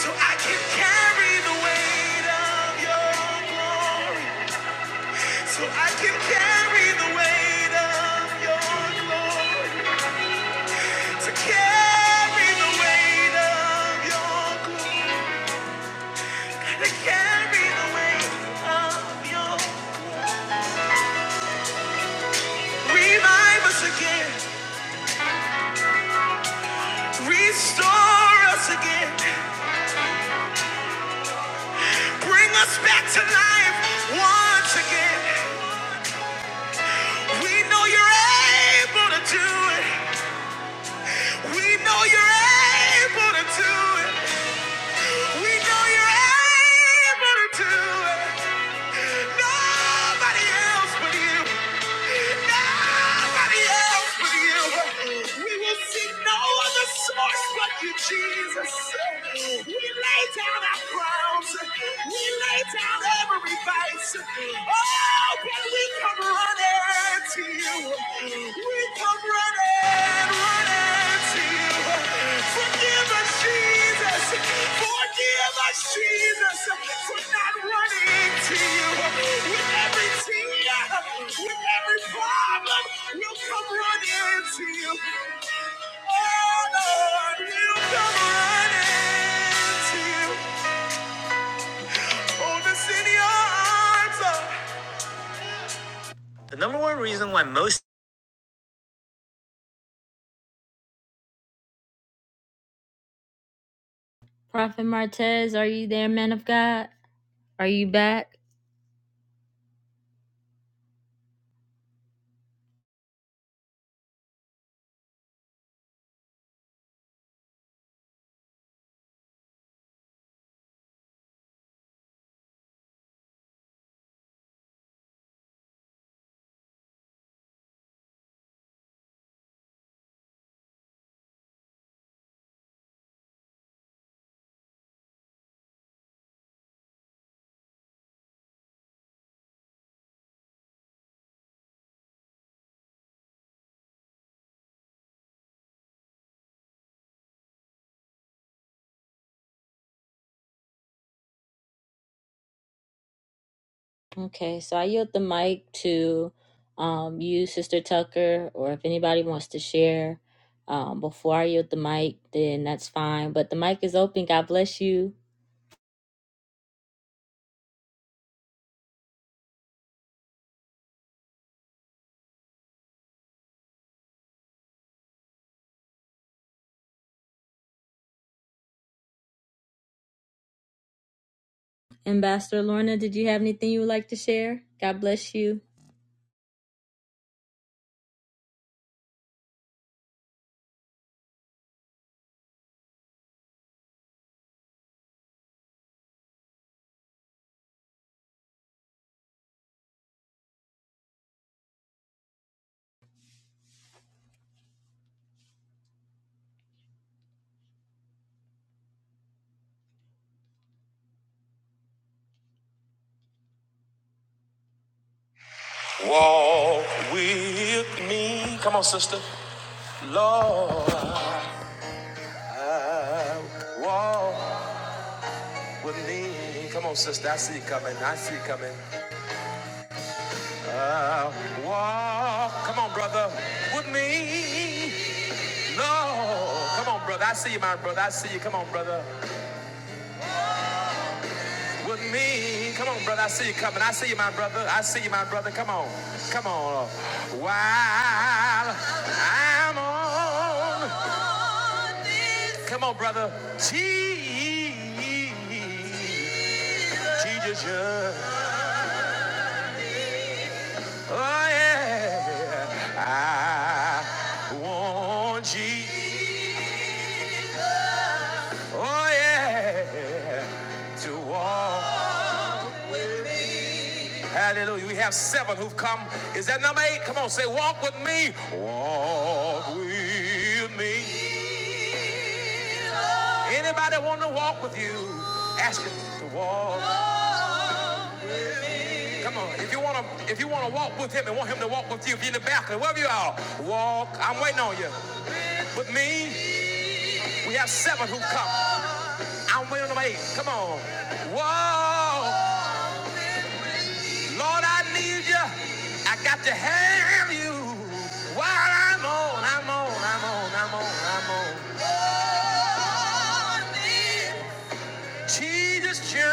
Speaker 4: So I can carry the weight of your glory. So I can carry the weight of your glory. To carry the weight of your glory. To carry the weight of your Revive us again. Restore us again. Bring us back to life once again. We know you're able to do it. We know you're able to do it. We know you're able to do it. Nobody else but you. Nobody else but you. We will see no other source but you, Jesus. backgrounds. We lay down every vice. Oh, but we come running to you. We come running, running to you. Forgive us, Jesus. Forgive us, Jesus, for not running to you. With every tear, with every problem, we'll come running to you. Oh, Lord, we'll come running to you. The number one reason why most Prophet Martez, are you there, man of God? Are you back? Okay, so I yield the mic to um you, Sister Tucker, or if anybody wants to share um before I yield the mic, then that's fine. But the mic is open. God bless you. Ambassador Lorna, did you have anything you would like to share? God bless you. Uh, what- what- look, I see you, my brother. Come on. Come on. While I'm on. Come on, brother. Jesus. Oh, yeah. I want Jesus. Oh yeah, to walk. with me. Hallelujah. We have seven who've come. Is that number eight? Come on, say walk with me. Walk with me. Anybody want to walk with you? Ask him to walk. Come on. If you want to, if you want to walk with him and want him to walk with you, if you're in the balcony, wherever you are, walk. I'm waiting on you. With me, we have seven who've come. I'm way on the way. Come on. Whoa. Lord, I need you. I got to have you. Cheer.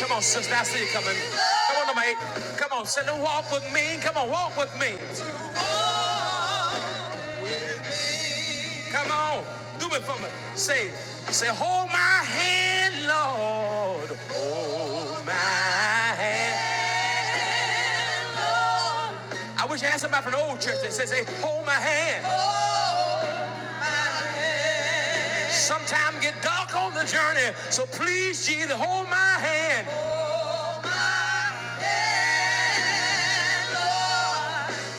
Speaker 4: Come on, sister. I see you coming. Come on, number eight. Come on, say, walk with me. Come on, walk with me. Come on. Do it for me. Say, say, hold my hand, Lord. Hold my hand. Lord. I wish I had somebody from the old church that says, hey, hold my hand. Sometimes get dark on the journey, so please, Jesus, hold my hand.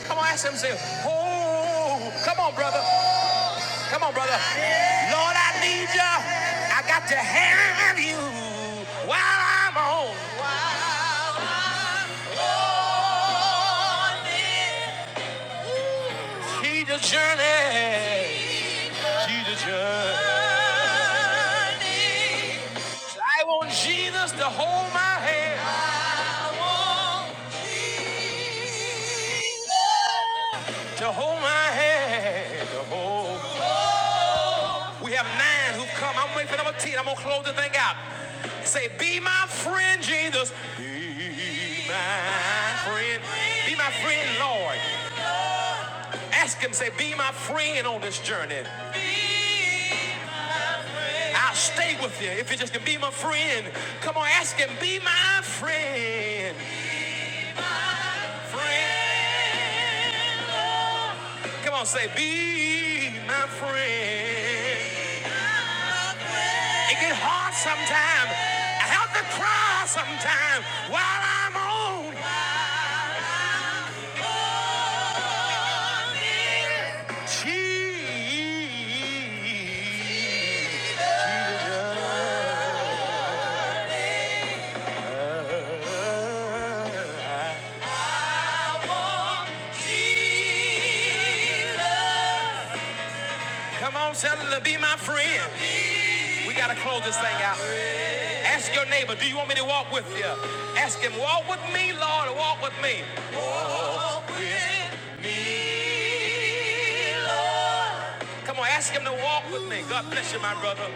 Speaker 4: Come on, ask him, say, oh, come on, brother. Come on, brother. Lord, I need you. I got to have you while I'm on. Jesus' journey. Jesus' journey. I want Jesus to hold my hand. To hold my hand, to hold. We have nine who've come. I'm waiting for number 10. I'm going to close the thing out. Say, be my friend, Jesus. Be my friend. Be my friend, Lord. Ask him, say, be my friend on this journey. I'll stay with you if you just can be my friend. Come on, ask him, be my friend. Friend. Come on, say, be my friend. It get hard sometimes. I have to cry sometimes while I'm on. Jesus. Come on, tell her to be my friend. We gotta close this thing out. Ask your neighbor, do you want me to walk with you? Ask him, walk with me, Lord, or walk with me. with me, Lord. Come on, ask him to walk with me. God bless you, my brother.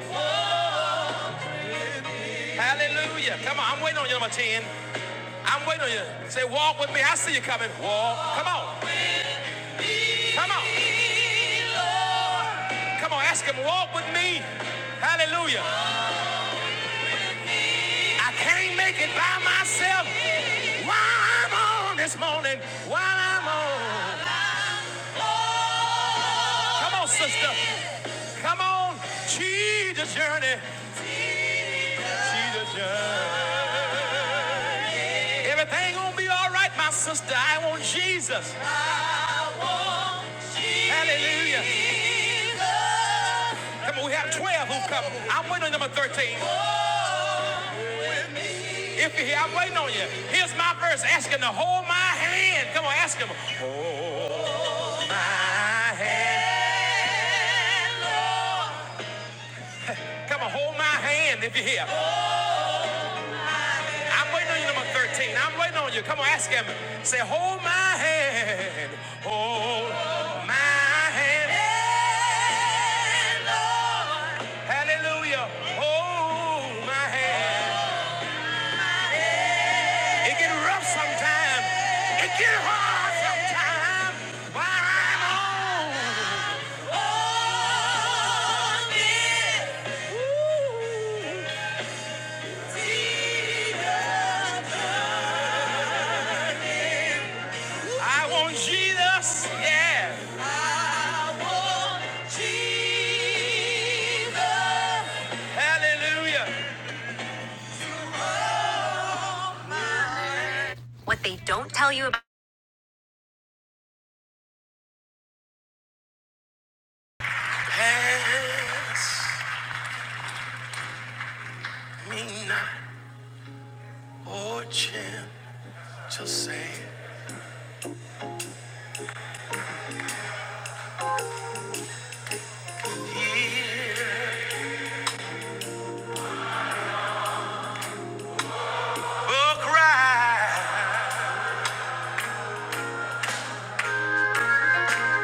Speaker 4: Hallelujah. Come on, I'm waiting on you, number 10. I'm waiting on you. Say, walk with me. I see you coming. Walk. Come on. Come on. Come on, ask him, walk with me. Hallelujah. I can't make it by myself. While I'm on this morning, while I'm on. Come on, sister. Come on. Jesus journey. Jesus journey. Everything gonna be all right, my sister. I want Jesus. I want Hallelujah. Jesus. Come on, we have 12 who come. I'm waiting on number 13. If you're here, I'm waiting on you. Here's my verse. Ask him to hold my hand. Come on, ask him. Hold my hand. Come on, hold my hand if you're here. I'm waiting on you, number 13. I'm waiting on you. Come on, ask him. Say, hold my hand. Hold my hand. Hey, Lord. Hallelujah. Hold my hand. It get rough sometimes. It get hard sometimes. But I'm on. On it. Ooh. I want Jesus, yeah. Jesus. Hallelujah. Pass me not, oh champ, just say here. Oh, cry,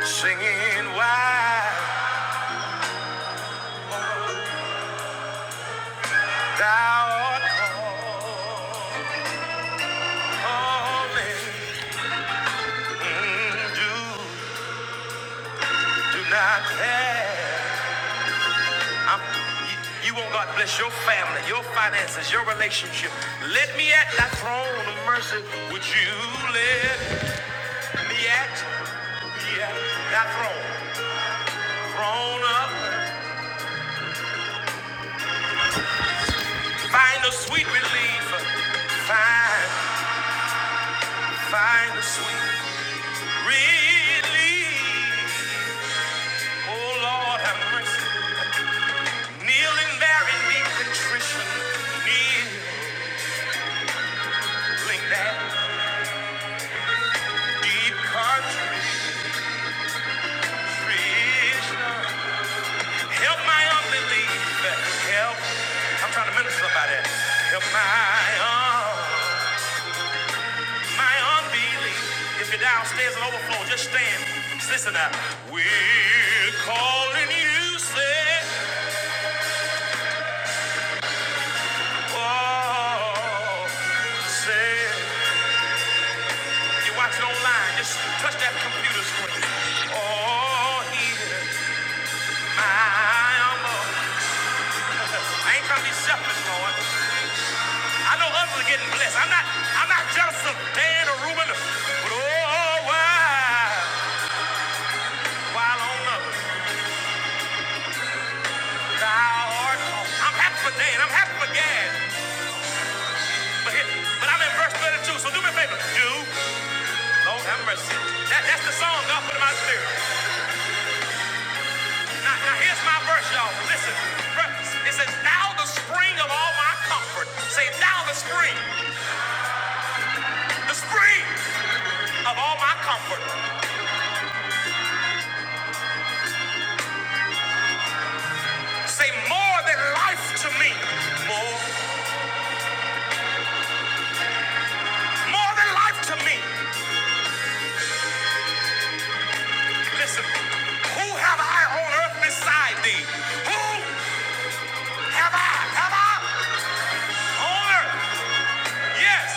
Speaker 4: singing why thou art calling. Do, do not pass. I'm, you, you want God to bless your family, your finances, your relationship. Let me at that throne of mercy. Would you let me at, me at that throne? Throne up. Find a sweet relief. Find, find a sweet relief. Oh Lord, have mercy. Kneeling there in deep contrition. Kneeling there, in deep contrition. Help my unbelief. Help. I'm trying to minister somebody. Help my un- my unbelief. If you're downstairs and overflow, just stand. Just Listen up. We're calling you, say, oh, say. You're watching online. Just touch that computer screen. Oh, here. my unbelief. I ain't trying to be selfish, Lord. I know others are getting blessed. I'm not I'm not jealous of Dan or Reuben, but oh why while on others thou art lost. I'm happy for Dan, I'm happy for Gad. But here, but I'm in verse 32, so do me a favor. Do Lord have mercy. That, that's the song God put in my spirit. Now, now here's my verse, y'all. Listen. Verse- It says, Thou the spring of all my comfort. Say, Thou the spring, the spring of all my comfort. Say, More than life to me. More more than life to me. Listen, who have I on earth beside thee? Who have I? Have I on earth? Yes.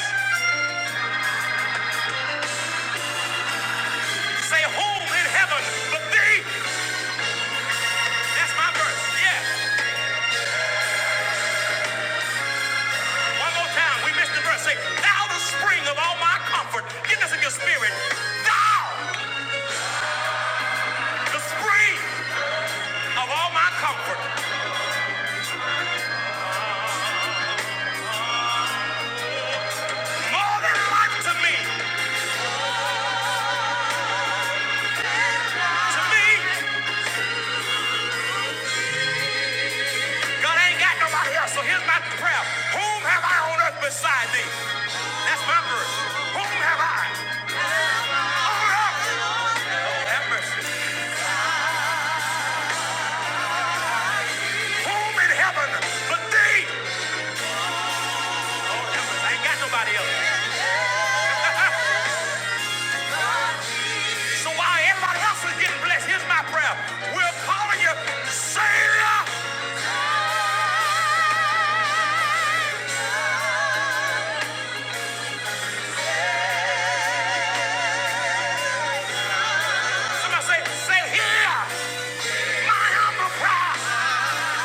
Speaker 4: Say whom in heaven but thee? That's my verse. Yes. One more time. We missed the verse. Say, thou the spring of all my comfort. Get this in your spirit. Thou the spring of all my comfort. More than life to me. To me. God ain't got nobody else, so here's my prayer. Whom have I on earth beside thee? That's my verse. Whom have I on earth? Oh, have mercy. Whom in heaven but thee? Oh, have mercy. I ain't got nobody else. so while everybody else is getting blessed, here's my prayer. We're calling you Savior. Somebody say, say here, my humble cry.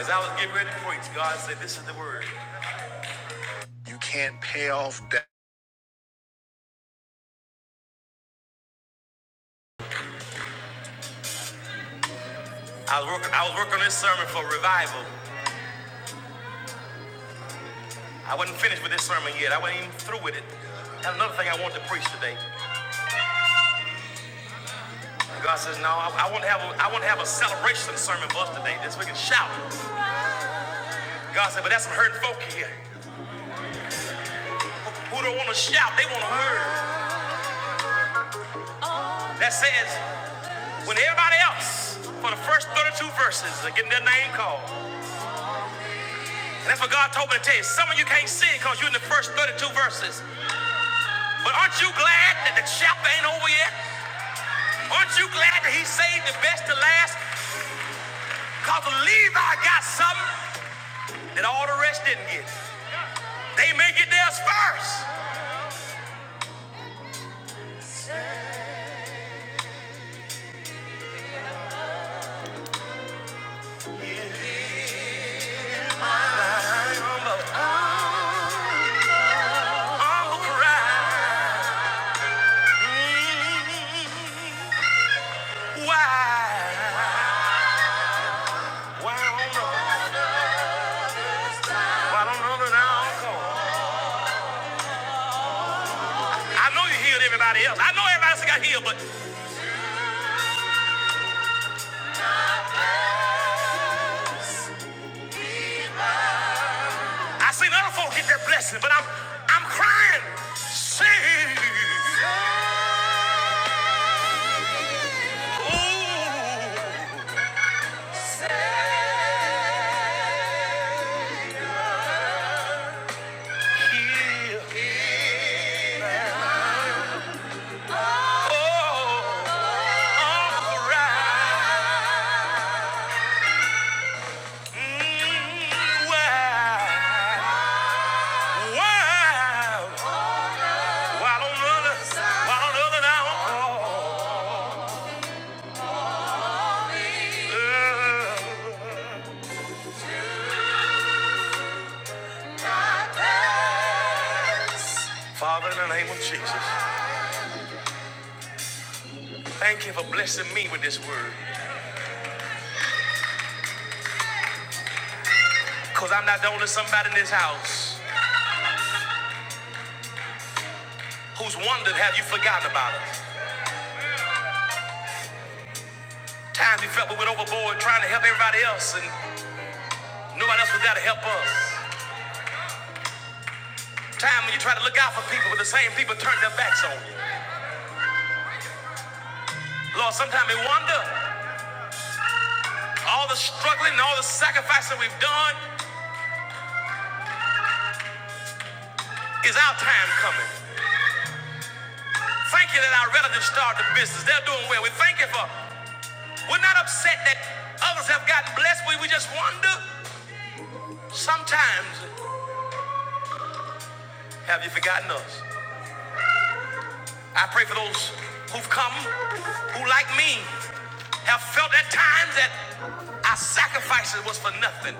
Speaker 4: As I was getting ready to preach, God said, This is the word. You can't pay off debt. I was, work, I was working on this sermon for revival. I wasn't finished with this sermon yet. I wasn't even through with it. That's another thing I want to preach today. God says, No, I, I want to have a, I want to have a celebration sermon for us today. This we can shout. God said, But that's some hurting folk here who don't want to shout. They want to hurt. That says When everybody else, for the first 32 verses, are getting their name called. And that's what God told me to tell you. Some of you can't see it because you're in the first 32 verses. But aren't you glad that the chapter ain't over yet? Aren't you glad that he saved the best to last? Because Levi got something that all the rest didn't get. They may get theirs first. Oh, right. Mm, why? Why I don't know? Why I don't know that I don't know? I know you healed everybody else. I know everybody else got healed, but I seen other folk get that blessing, but I'm I'm crying. Save. Oh, yeah. Oh, all right. Mm, wow. Wow. Why don't other, why don't other now? Oh, yeah. Father, in the name of Jesus, thank you for blessing me with this word. Because I'm not the only somebody in this house. who's wondered, have you forgotten about us? Times we felt we went overboard trying to help everybody else and nobody else was there to help us. Time when you try to look out for people, but the same people turn their backs on you. Lord, sometimes we wonder, all the struggling and all the sacrifice that we've done, is our time coming? Thank you that our relatives started the business. They're doing well. We thank you for, we're not upset that others have gotten blessed. We, we just wonder, sometimes, have you forgotten us? I pray for those who've come, who like me, have felt at times that our sacrifices was for nothing.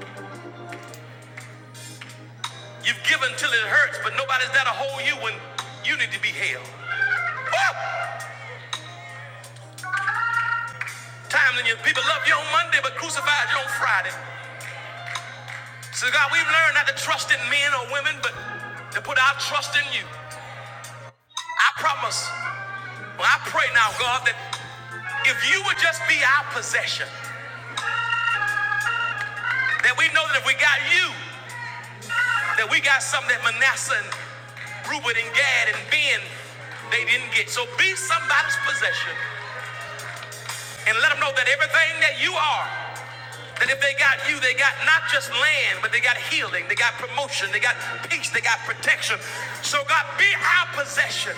Speaker 4: You've given till it hurts, but nobody's there to hold you when you need to be held. Woo! Times when your people love you on Monday, but crucified you on Friday. So God, we've learned not to trust in men or women, but to put our trust in you. I promise. Well, I pray now, God, that if you would just be our possession, that we know that if we got you, That we got something that Manasseh and Reuben and Gad and Ben, they didn't get. So be somebody's possession and let them know that everything that you are, that if they got you, they got not just land, but they got healing, they got promotion, they got peace, they got protection. So God, be our possession.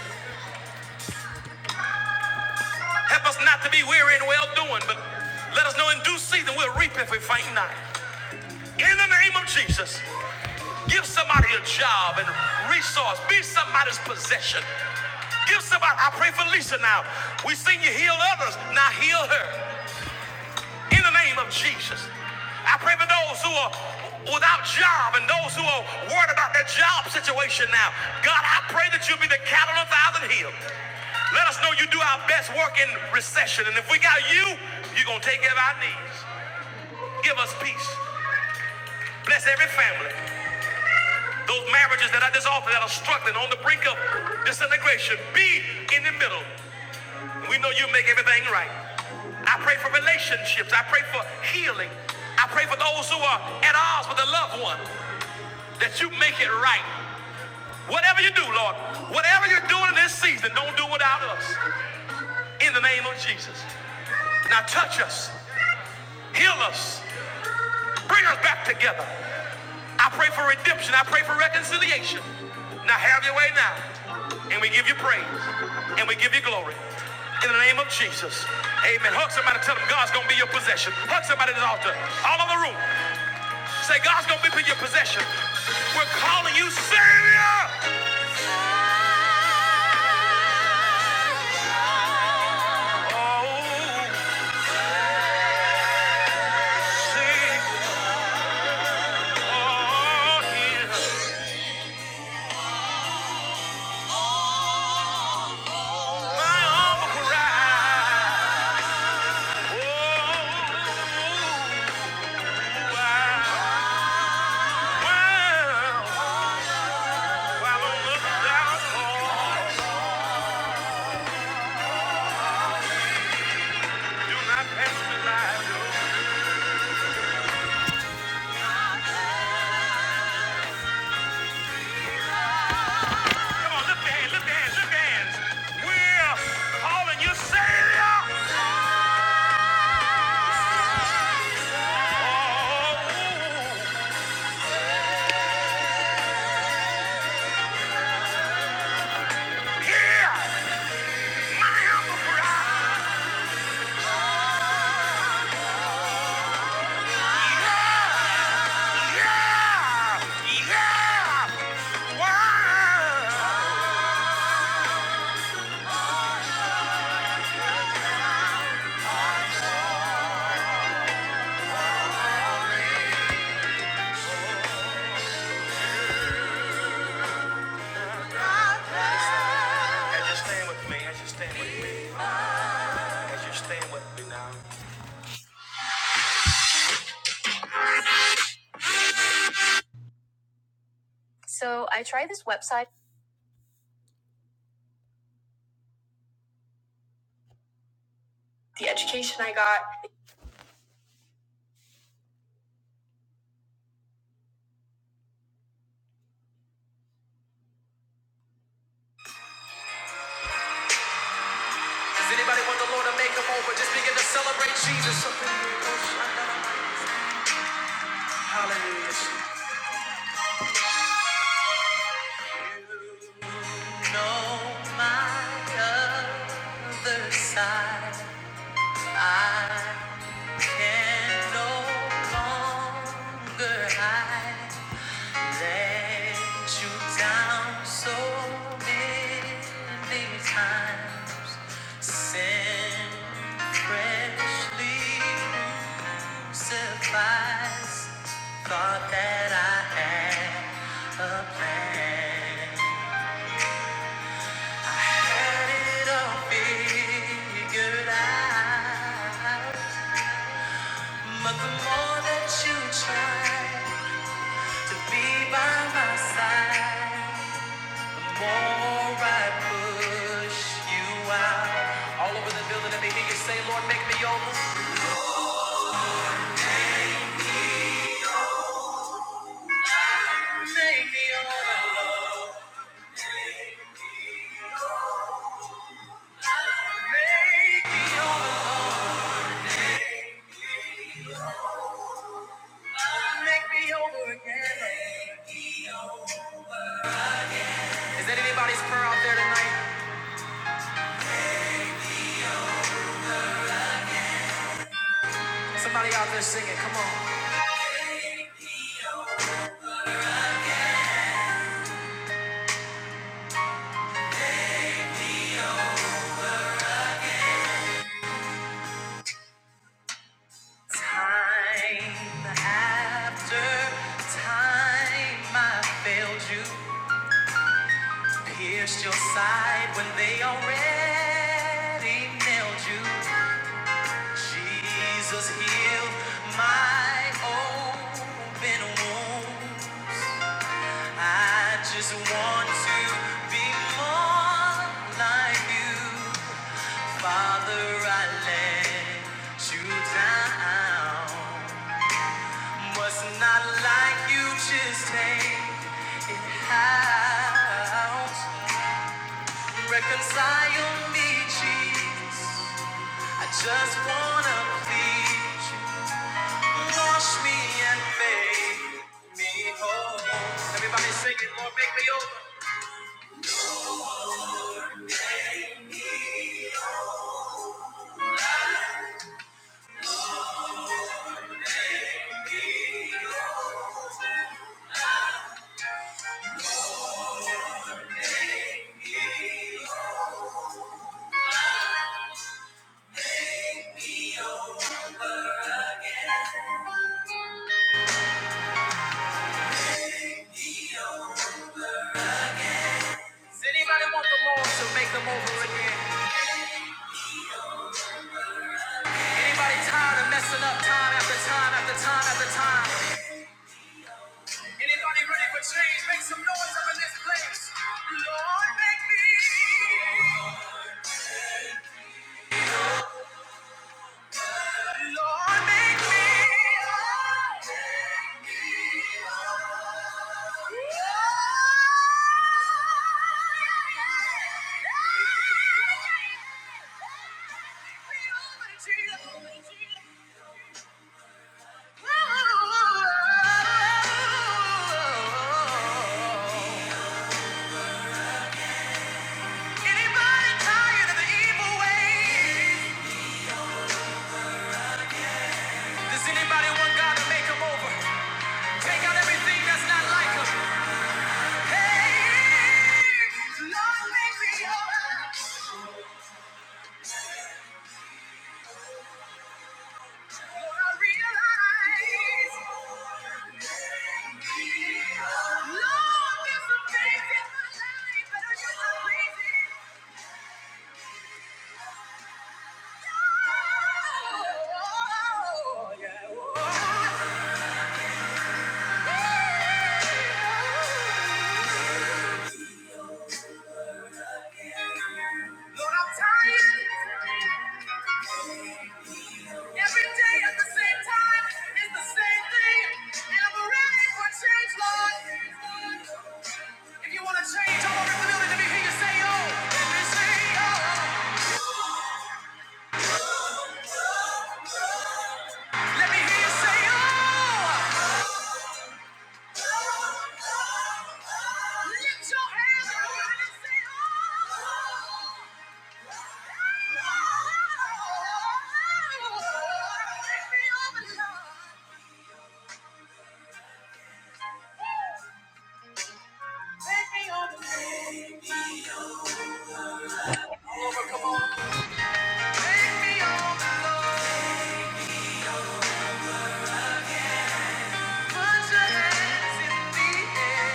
Speaker 4: Help us not to be weary in well doing, but let us know in due season we'll reap if we faint not. In the name of Jesus, give somebody a job and resource. Be somebody's possession. Give somebody, I pray for Lisa now. We seen you heal others, now heal her. In the name of Jesus, I pray for those who are without job and those who are worried about their job situation now. God, I pray that you'll be the cattle on a thousand hills. Let us know you do our best work in recession. And if we got you, you're going to take care of our needs. Give us peace. Bless every family. Those marriages that are dissolving, that are struggling on the brink of disintegration, be in the middle. We know you make everything right. I pray for relationships. I pray for healing. I pray for those who are at odds with a loved one that you make it right. Whatever you do, Lord, whatever you're doing in this season, don't do without us in the name of Jesus. Now touch us, heal us, bring us back together. I pray for redemption. I pray for reconciliation. Now have your way now. And we give you praise. And we give you glory. In the name of Jesus. Amen. Hug somebody. Tell them God's going to be your possession. Hug somebody at the altar. All over the room. Say, God's going to be your possession. We're calling you Savior. Oh, Savior. Oh, yeah, my humble cry. Oh, wow. Wow. While I'm looking down upon, do not pass me by, Come on, lift your hands, lift your hands, lift your We're calling you Savior. Oh, hear my humble cry. So I tried this website, the education I got. Does anybody want the Lord to make them over? Just begin to celebrate Jesus. Hallelujah. Suffice, thought that I had a plan. But the more that you try to be by my side, the more I push you out. All over the building, let me hear you say, Lord, make me over. Make me over again. Is that anybody's prayer out there tonight? Somebody out there singing, come on. Time after time, I failed you, pierced your That He nailed you. Jesus healed my open wound. I just want more like you right now. I like to take it out. Reconcile me, Jesus. I just wanna please you. Wash me and make me whole. Everybody sing it, Lord, make me over. Does anybody want the Lord to make them over again? Anybody ready for change? Make some noise up in this place. Lord, make me. Lord, make me whole. Make me whole. Anybody tired of the evil ways? Does anybody want God to make them over? Take out everything that's not like 'em. Oh, yeah. Lord, I'm tired. Every day at the same time is the same thing. And I'm ready for change, Lord. If you want to change, I want in the building. Let me hear you say, oh. Let me oh. Let me hear you say, oh. Put your hands in the air.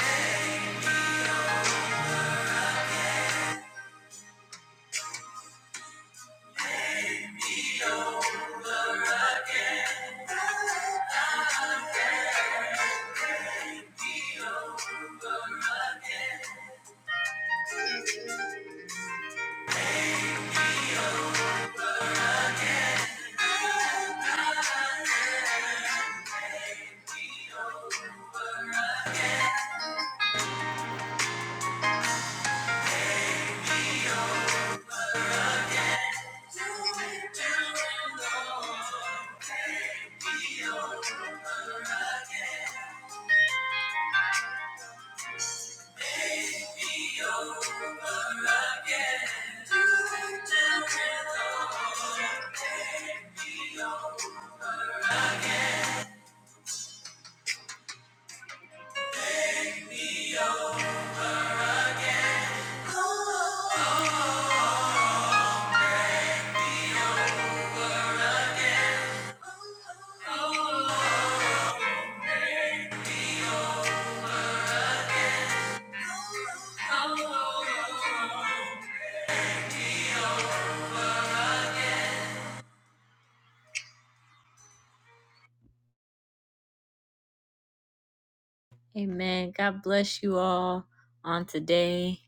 Speaker 4: Amen. God bless you all on today.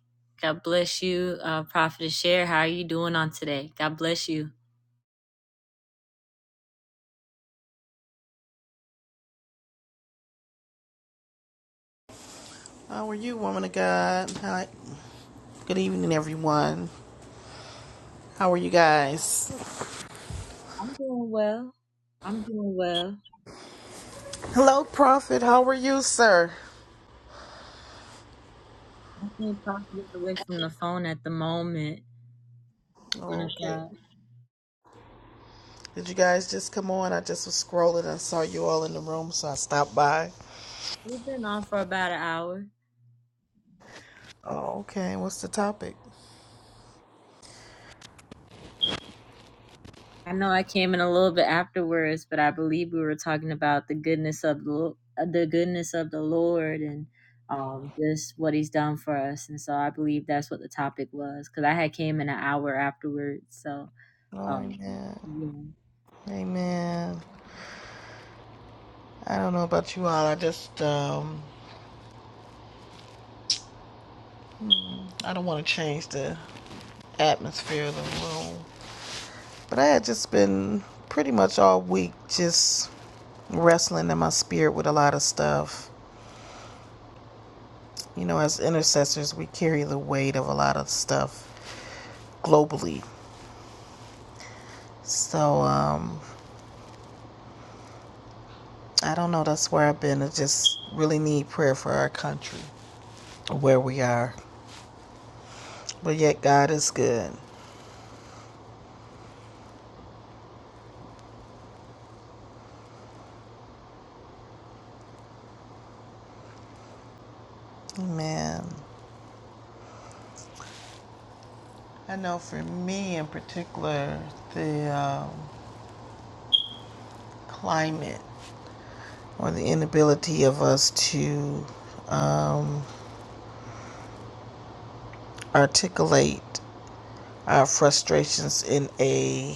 Speaker 4: God bless you, uh, Prophet Share. How are you doing on today? God bless you.
Speaker 6: How are you, woman of God? Hi. Good evening, everyone. How are you guys?
Speaker 4: I'm doing well. I'm doing well.
Speaker 6: Hello, Prophet. How are you, sir?
Speaker 4: I think Prophet is away from the phone at the moment. Man of
Speaker 6: Okay.
Speaker 4: God.
Speaker 6: Did you guys just come on? I just was scrolling and saw you all in the room, so I stopped by.
Speaker 4: We've been on for about an hour.
Speaker 6: Oh, okay. What's the topic?
Speaker 4: I know I came in a little bit afterwards, but I believe we were talking about the goodness of the Lo- uh, the goodness of the Lord and um just what He's done for us, and so I believe that's what the topic was because I had came in an hour afterwards, so
Speaker 6: Oh,
Speaker 4: um
Speaker 6: amen.
Speaker 4: yeah.
Speaker 6: Amen. I don't know about you all. I just, um, I don't want to change the atmosphere of the room. But I had just been pretty much all week just wrestling in my spirit with a lot of stuff. You know, as intercessors, we carry the weight of a lot of stuff globally. So, um, I don't know. That's where I've been. I just really need prayer for our country, where we are. But yet, God is good. Amen. I know for me in particular, the um, climate or the inability of us to um, articulate our frustrations in a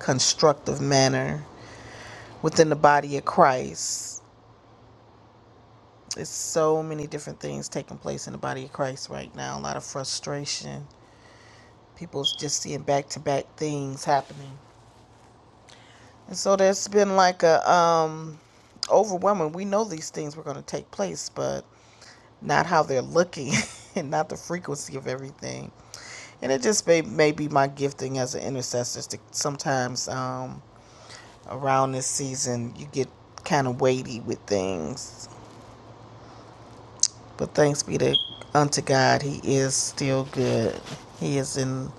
Speaker 6: constructive manner within the body of Christ. It's so many different things taking place in the body of Christ right now. A lot of frustration. People's just seeing back to back things happening. And so there's been like a um overwhelming. We know these things were going to take place, but not how they're looking and not the frequency of everything. And it just may, may be my gifting as an intercessor to sometimes um, around this season you get kind of weighty with things. But thanks be to unto God, He is still good. He is in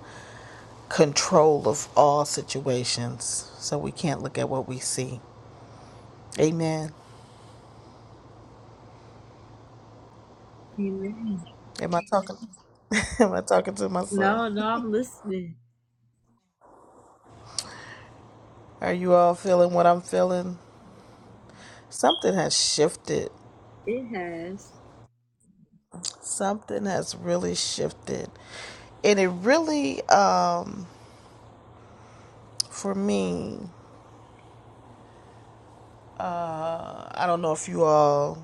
Speaker 6: control of all situations, so we can't look at what we see. Amen.
Speaker 4: Amen.
Speaker 6: Am I talking? Am I talking to myself?
Speaker 4: No, no, I'm listening.
Speaker 6: Are you all feeling what I'm feeling? Something has shifted.
Speaker 4: It has.
Speaker 6: Something has really shifted, and it really, uh, for me, I don't know if you all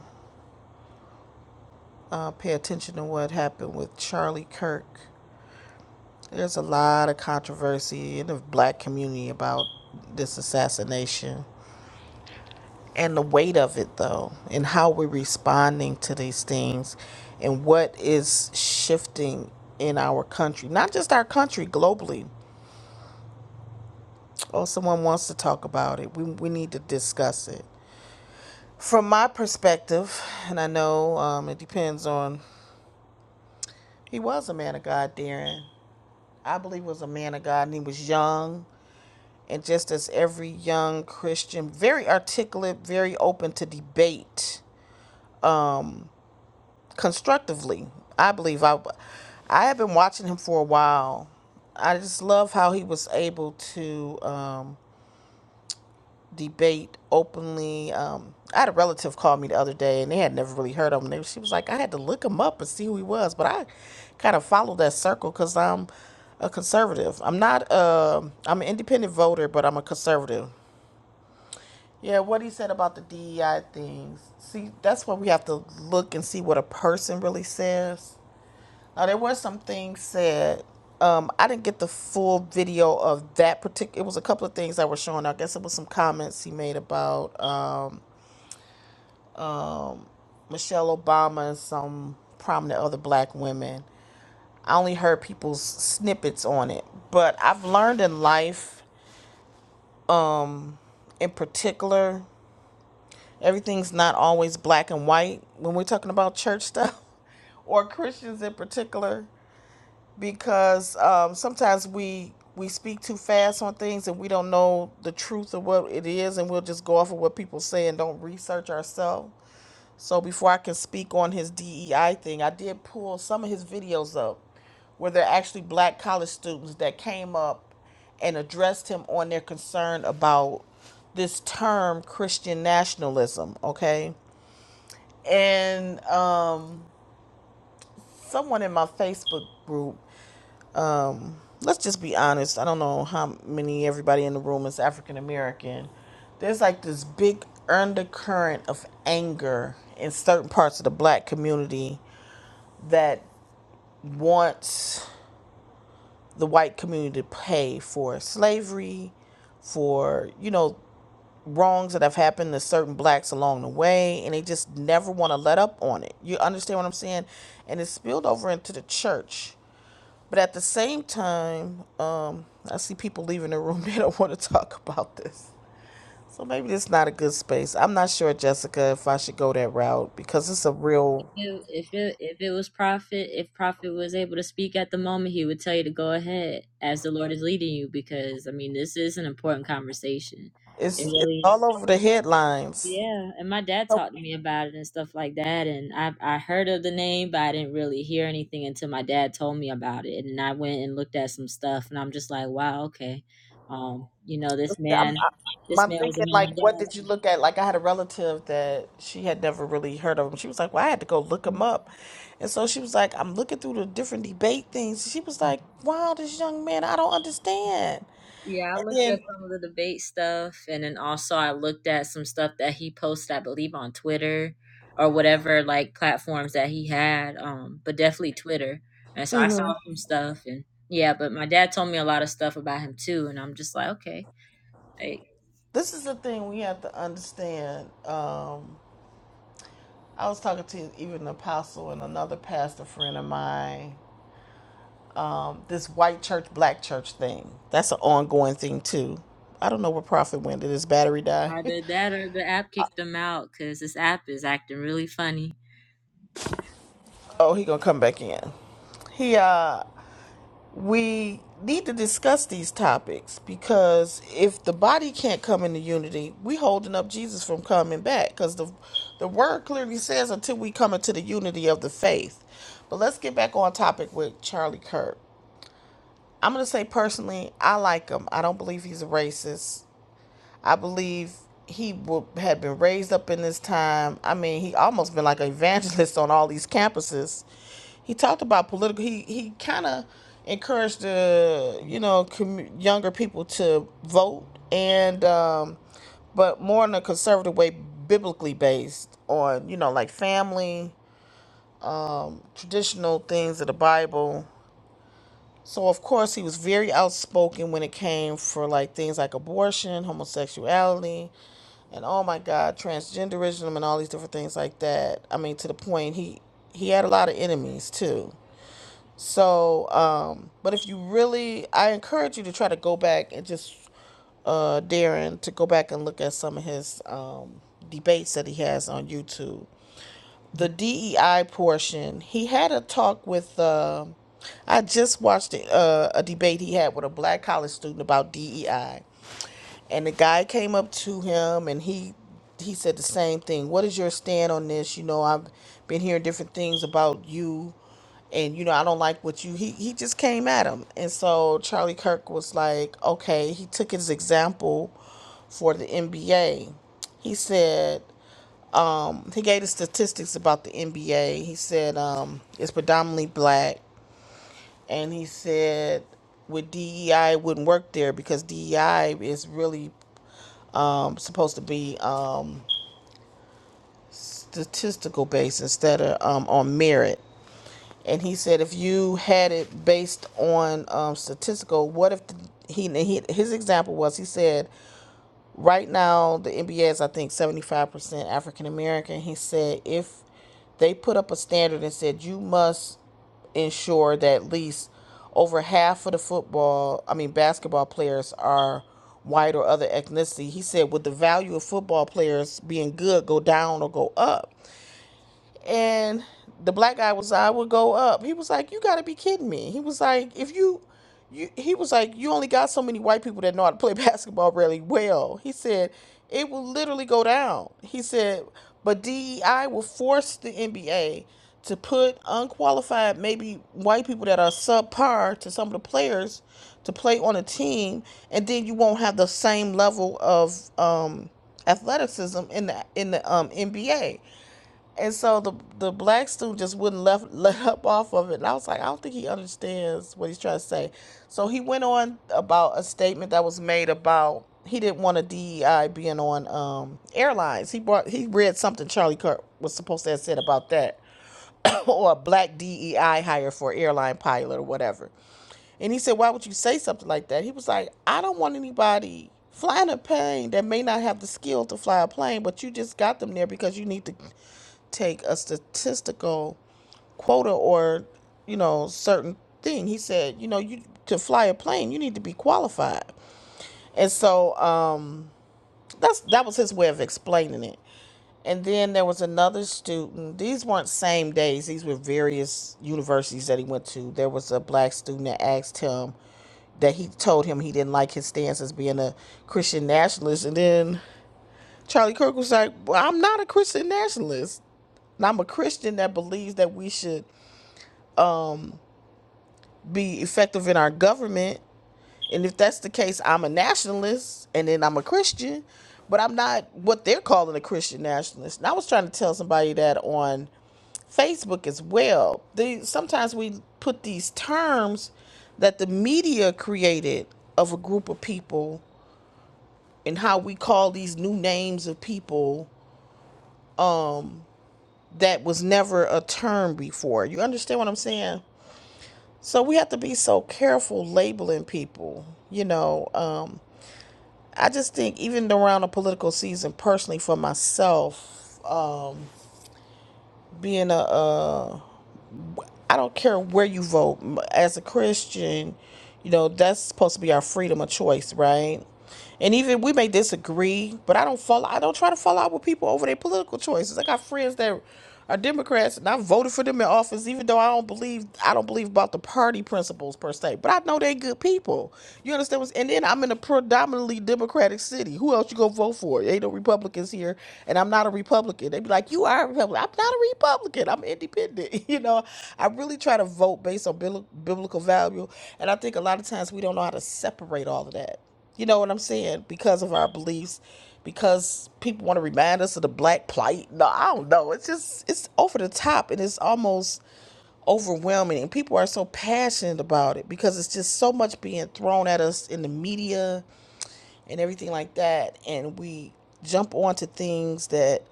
Speaker 6: uh, pay attention to what happened with Charlie Kirk. There's a lot of controversy in the black community about this assassination and the weight of it, though, and how we're responding to these things and what is shifting in our country, not just our country, globally. Oh, someone wants to talk about it. We, we need to discuss it. From my perspective, and I know um, it depends on, he was a man of God, Darren. I believe he was a man of God, and he was young and just as every young Christian, very articulate, very open to debate constructively. I believe I, I have been watching him for a while. I just love how he was able to um, debate openly. Um, I had a relative call me the other day, and they had never really heard of him. They, she was like, I had to look him up and see who he was, but I kind of followed that circle because I'm a conservative. I'm not. um I'm an independent voter, but I'm a conservative. Yeah, what he said about the DEI things. See, that's where we have to look and see what a person really says. Now, there were some things said. Um, I didn't get the full video of that particular. It was a couple of things that were shown. I guess it was some comments he made about um, Michelle Obama and some prominent other black women. I only heard people's snippets on it, but I've learned in life, in particular. Everything's not always black and white when we're talking about church stuff or Christians in particular, because um, sometimes we we speak too fast on things and we don't know the truth of what it is, and we'll just go off of what people say and don't research ourselves. So before I can speak on his DEI thing, I did pull some of his videos up where they're actually black college students that came up and addressed him on their concern about this term Christian nationalism, okay? and uh, someone in my Facebook group. Let's just be honest. I don't know how many everybody in the room is African American. There's like this big undercurrent of anger in certain parts of the black community that wants the white community to pay for slavery, for you know wrongs that have happened to certain blacks along the way and they just never want to let up on it you understand what i'm saying and it spilled over into the church But at the same time, um, I see people leaving the room. They don't want to talk about this. So maybe it's not a good space. I'm not sure, Jessica, if I should go that route because it's a real.
Speaker 4: If if it if it was prophet, if prophet was able to speak at the moment, he would tell you to go ahead as the Lord is leading you, because I mean this is an important conversation. It
Speaker 6: It's it's
Speaker 4: really
Speaker 6: all over the headlines.
Speaker 4: Yeah, and my dad talked to me about it and stuff like that, and I I heard of the name, but I didn't really hear anything until my dad told me about it, and I went and looked at some stuff, and I'm just like, wow, okay, um, you know,
Speaker 6: But
Speaker 4: this
Speaker 6: see,
Speaker 4: man,
Speaker 6: I'm, i
Speaker 4: this
Speaker 6: I'm
Speaker 4: man was a
Speaker 6: thinking
Speaker 4: man
Speaker 6: like, what
Speaker 4: of
Speaker 6: did you look at? Like, I had a relative that she had never really heard of him. She was like, "Well, I had to go look
Speaker 4: God.
Speaker 6: him up," and so she was like, "I'm looking through the different debate things." She was like, "Wow, this young man, I don't understand."
Speaker 4: Yeah, I
Speaker 6: And
Speaker 4: looked
Speaker 6: then,
Speaker 4: at some of the debate stuff, and then also I looked at some stuff that he posted, I believe, on Twitter or whatever like platforms that he had. Um, but definitely Twitter. And so
Speaker 6: mm-hmm.
Speaker 4: I saw some stuff, and yeah, but my dad told me a lot of stuff about him too, and I'm just like, okay, like
Speaker 6: This is the thing we have to understand. Um, I was talking to even an apostle and another pastor friend of mine. This white church, black church thing. That's an ongoing thing too. I don't know where Prophet went. Did his battery die?
Speaker 4: either that or the app kicked him out because this app is acting really funny.
Speaker 6: oh, he gonna come back in. He uh we need to discuss these topics because if the body can't come into unity, we holding up Jesus from coming back because the the word clearly says until we come into the unity of the faith. But let's get back on topic with Charlie Kirk. I'm gonna say personally, I like him. I don't believe he's a racist. I believe he would, had been raised up in this time. I mean, he almost been like an evangelist on all these campuses. He talked about political. He he kind of encouraged the you know commu younger people to vote and um, but more in a conservative way, biblically based on you know like family, traditional things of the Bible. So of course he was very outspoken when it came for like things like abortion, homosexuality, and oh my god transgenderism and all these different things like that i mean to the point he he had a lot of enemies too so um but if you really i encourage you to try to go back and just uh darren to go back and look at some of his um debates that he has on youtube the dei portion he had a talk with uh, i just watched uh, a debate he had with a black college student about dei and the guy came up to him and he he said the same thing what is your stand on this you know i've been hearing different things about you and you know i don't like what you he, he just came at him and so charlie kirk was like okay he took his example for the nba he said he gave the statistics about the nba he said um, it's predominantly black and he said with DEI it wouldn't work there because DEI is really um, supposed to be um, statistical based instead of um, on merit. And he said, if you had it based on um, statistical, what if the, he, he his example was he said, Right now, the NBA is, I think, 75% African American. He said if they put up a standard and said you must ensure that at least over half of the football, I mean, basketball players are white or other ethnicity. He said, would the value of football players being good go down or go up? And the black guy was like, I would go up. He was like, You gotta be kidding me. He was like, if you you he was like, You only got so many white people that know how to play basketball really well. He said, It will literally go down. He said, but DEI will force the NBA to put unqualified, maybe white people that are subpar to some of the players to play on a team, and then you won't have the same level of um, athleticism in the in the um, NBA. And so the the black student just wouldn't left let up off of it. And I was like, I don't think he understands what he's trying to say. So he went on about a statement that was made about he didn't want a DEI being on um, airlines. He brought he read something Charlie Kirk was supposed to have said about that. or a black DEI hire for airline pilot or whatever. And he said, Why would you say something like that? He was like, I don't want anybody flying a plane that may not have the skill to fly a plane, but you just got them there because you need to take a statistical quota or you know certain thing he said you know you to fly a plane you need to be qualified and so um that's that was his way of explaining it and then there was another student these weren't same days these were various universities that he went to there was a black student that asked him that he told him he didn't like his stance as being a christian nationalist and then charlie kirk was like well i'm not a christian nationalist and I'm a Christian that believes that we should be effective in our government. And if that's the case, I'm a nationalist and then I'm a Christian, but I'm not what they're calling a Christian nationalist. And I was trying to tell somebody that on Facebook as well. They sometimes we put these terms that the media created of a group of people and how we call these new names of people that was never a term before. You understand what I'm saying? So we have to be so careful labeling people, you know. Um I just think even around a political season, personally for myself, um, being a, a, I don't care where you vote. As a Christian, you know that's supposed to be our freedom of choice, right? And even we may disagree, but I don't fall I don't try to fall out with people over their political choices. I got friends that are Democrats, and I voted for them in office, even though I don't believe I don't believe about the party principles per se. But I know they're good people. You understand? What, and then I'm in a predominantly Democratic city. Who else you gonna vote for? Ain't no Republicans here, and I'm not a Republican. They be like, you are a Republican. I'm not a Republican. I'm independent. You know, I really try to vote based on bibli- biblical value, and I think a lot of times we don't know how to separate all of that. You know what I'm saying? Because of our beliefs, because people want to remind us of the black plight. No, I don't know. It's just it's over the top and it's almost overwhelming. And people are so passionate about it because it's just so much being thrown at us in the media and everything like that and we jump onto things that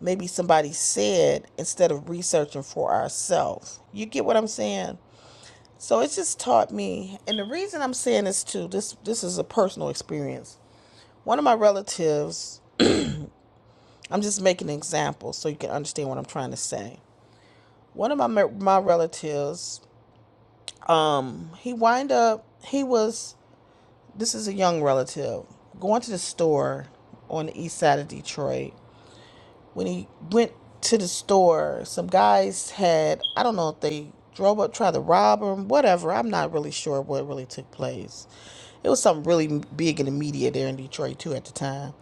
Speaker 6: maybe somebody said instead of researching for ourselves you get what i'm saying so it just taught me and the reason i'm saying this too this this is a personal experience one of my relatives i'm just making an example so you can understand what i'm trying to say one of my my relatives um he wind up he was this is a young relative going to the store on the east side of detroit when he went to the store, some guys had, I don't know if they drove up, tried to rob him, whatever. I'm not really sure what really took place. It was something really big in the media there in Detroit, too, at the time.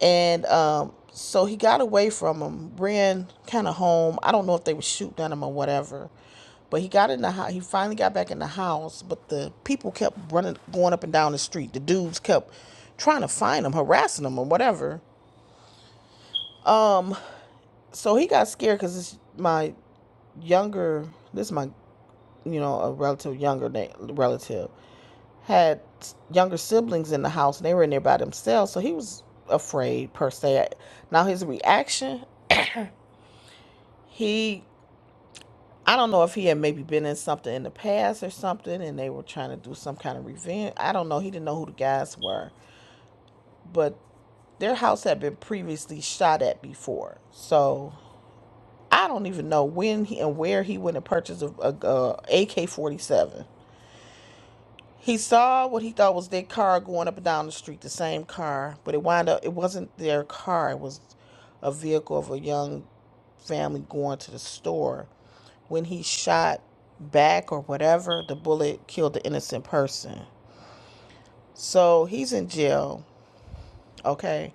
Speaker 6: And um, so he got away from him, ran kind of home. I don't know if they were shooting at him or whatever. But he got in the house. He finally got back in the house, but the people kept running, going up and down the street. The dudes kept trying to find him, harassing him, or whatever. So he got scared because my younger this is my you know a relative younger na- relative had younger siblings in the house and they were in there by themselves so he was afraid per se now his reaction he i don't know if he had maybe been in something in the past or something and they were trying to do some kind of revenge i don't know he didn't know who the guys were but their house had been previously shot at before so i don't even know when he and where he went and purchased a, a ak-47 He saw what he thought was their car going up and down the street, the same car, but it wound up it wasn't their car. It was a vehicle of a young family going to the store. When he shot back or whatever, the bullet killed the innocent person. So he's in jail, okay?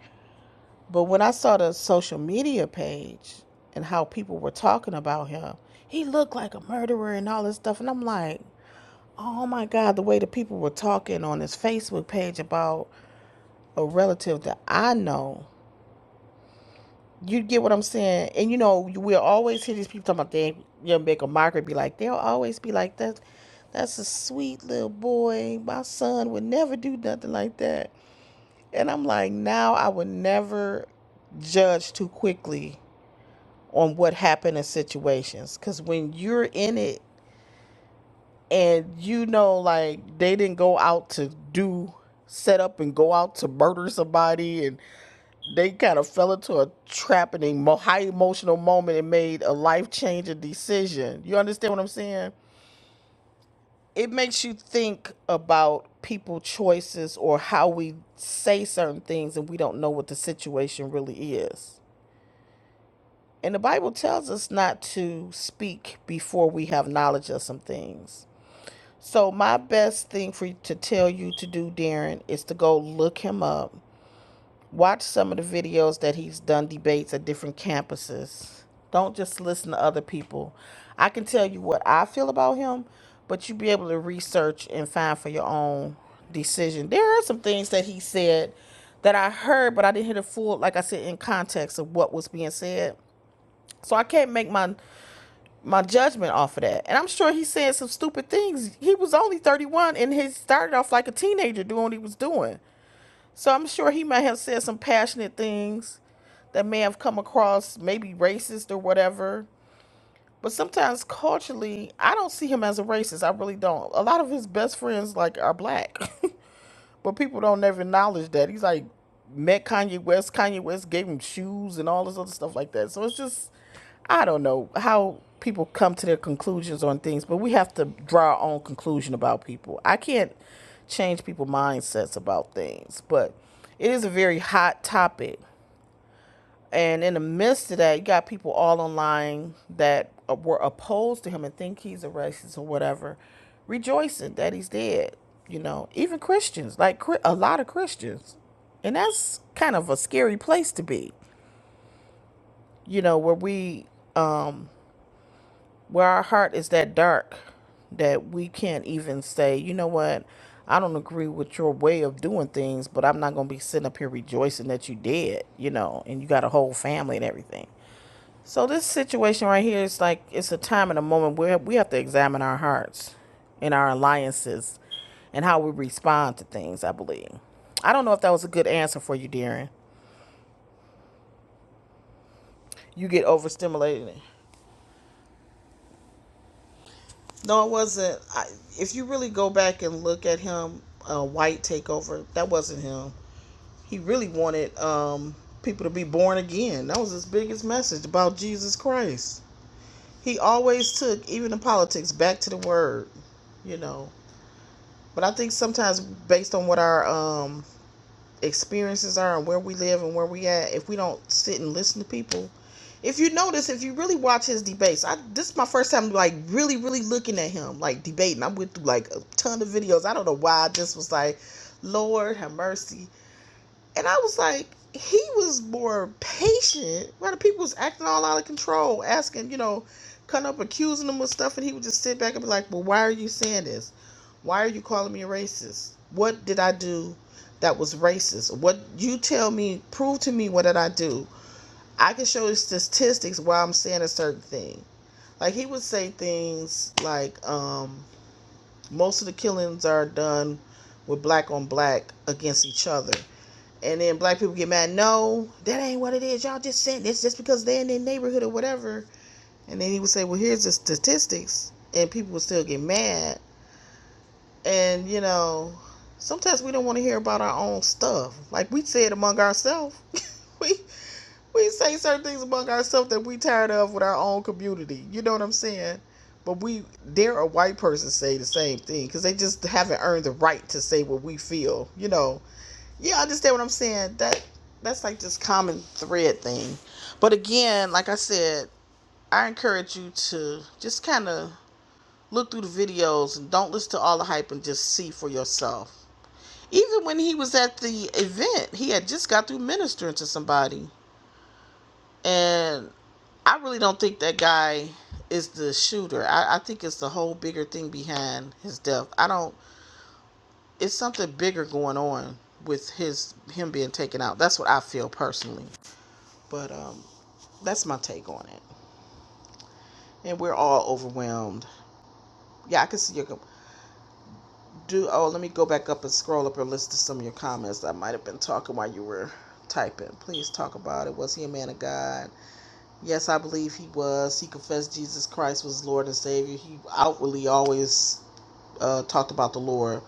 Speaker 6: But when I saw the social media page and how people were talking about him, he looked like a murderer and all this stuff, and I'm like, oh my god, the way the people were talking on his Facebook page about a relative that I know. You get what I'm saying? And you know, we'll always hear these people talking about they you make a mockery, be like, they'll always be like that. That's a sweet little boy. My son would never do nothing like that. And I'm like, now I would never judge too quickly on what happened in situations. Cause when you're in it and you know, like they didn't go out to do set up and go out to murder somebody and They kind of fell into a trap in a mo- high emotional moment and made a life changing decision. You understand what I'm saying? It makes you think about people choices or how we say certain things and we don't know what the situation really is. And the Bible tells us not to speak before we have knowledge of some things. So my best thing for you to tell you to do, Darren, is to go look him up Watch some of the videos that he's done debates at different campuses. Don't just listen to other people. I can tell you what I feel about him, but you be able to research and find for your own decision. There are some things that he said that I heard, but I didn't hear the full, like I said, in context of what was being said. So I can't make my my judgment off of that. And I'm sure he said some stupid things. He was only 31 and he started off like a teenager doing what he was doing. So I'm sure he might have said some passionate things that may have come across maybe racist or whatever. But sometimes culturally, I don't see him as a racist. I really don't. A lot of his best friends like are black. But people don't ever acknowledge that. He's like met Kanye West. Kanye West gave him shoes and all this other stuff like that. So it's just I don't know how people come to their conclusions on things, but we have to draw our own conclusion about people. I can't change people's mindsets about things, but it is a very hot topic. And in the midst of that, you got people all online that uh, were opposed to him and think he's a racist or whatever, rejoicing that he's dead. You know, even Christians, like a lot of Christians, and that's kind of a scary place to be. You know, where we, um, where our heart is that dark that we can't even say, you know what, I don't agree with your way of doing things, but I'm not gonna be sitting up here rejoicing that you did. You know, and you got a whole family and everything. So this situation right here is like it's a time and a moment where we have to examine our hearts and our alliances and how we respond to things, I believe. I don't know if that was a good answer for you, Darren. You get overstimulated. No, it wasn't. I, if you really go back and look at him, uh, White Takeover, that wasn't him. He really wanted um, people to be born again. That was his biggest message about Jesus Christ. He always took, even in politics, back to the Word you know But I think sometimes based on what our um experiences are and where we live and where we at, if we don't sit and listen to people, if you notice, if you really watch his debates, I this is my first time like really, really looking at him like debating. I went through like a ton of videos. I don't know why I just was like, Lord have mercy, and I was like, he was more patient. Where the people was acting all out of control, asking you know, coming up accusing him of stuff, and he would just sit back and be like, Well, why are you saying this? Why are you calling me a racist? What did I do that was racist? What you tell me, prove to me what did I do. I can show you statistics why I'm saying a certain thing. Like he would say things like, um, most of the killings are done with black on black against each other. And then black people get mad, no, that ain't what it is. Y'all just saying this just because they're in their neighborhood or whatever. And then he would say, Well, here's the statistics and people would still get mad And, you know, sometimes we don't want to hear about our own stuff. Like we say it among ourselves. We we say certain things among ourselves that we tired of with our own community. You know what I'm saying? But we dare a white person say the same thing because they just haven't earned the right to say what we feel. You know? Yeah, I understand what I'm saying. That that's like this common thread thing. But again, like I said, I encourage you to just kind of look through the videos and don't listen to all the hype and just see for yourself even when he was at the event, he had just got through ministering to somebody. And I really don't think that guy is the shooter. I, I think it's the whole bigger thing behind his death. I don't it's something bigger going on with his him being taken out. That's what I feel personally. But um that's my take on it. And we're all overwhelmed. Yeah, I can see your do oh let me go back up and scroll up and listen to some of your comments. I might have been talking while you were typing. Please talk about it. Was he a man of God? Yes, I believe he was. He confessed Jesus Christ was Lord and Savior. He outwardly always uh, talked about the Lord.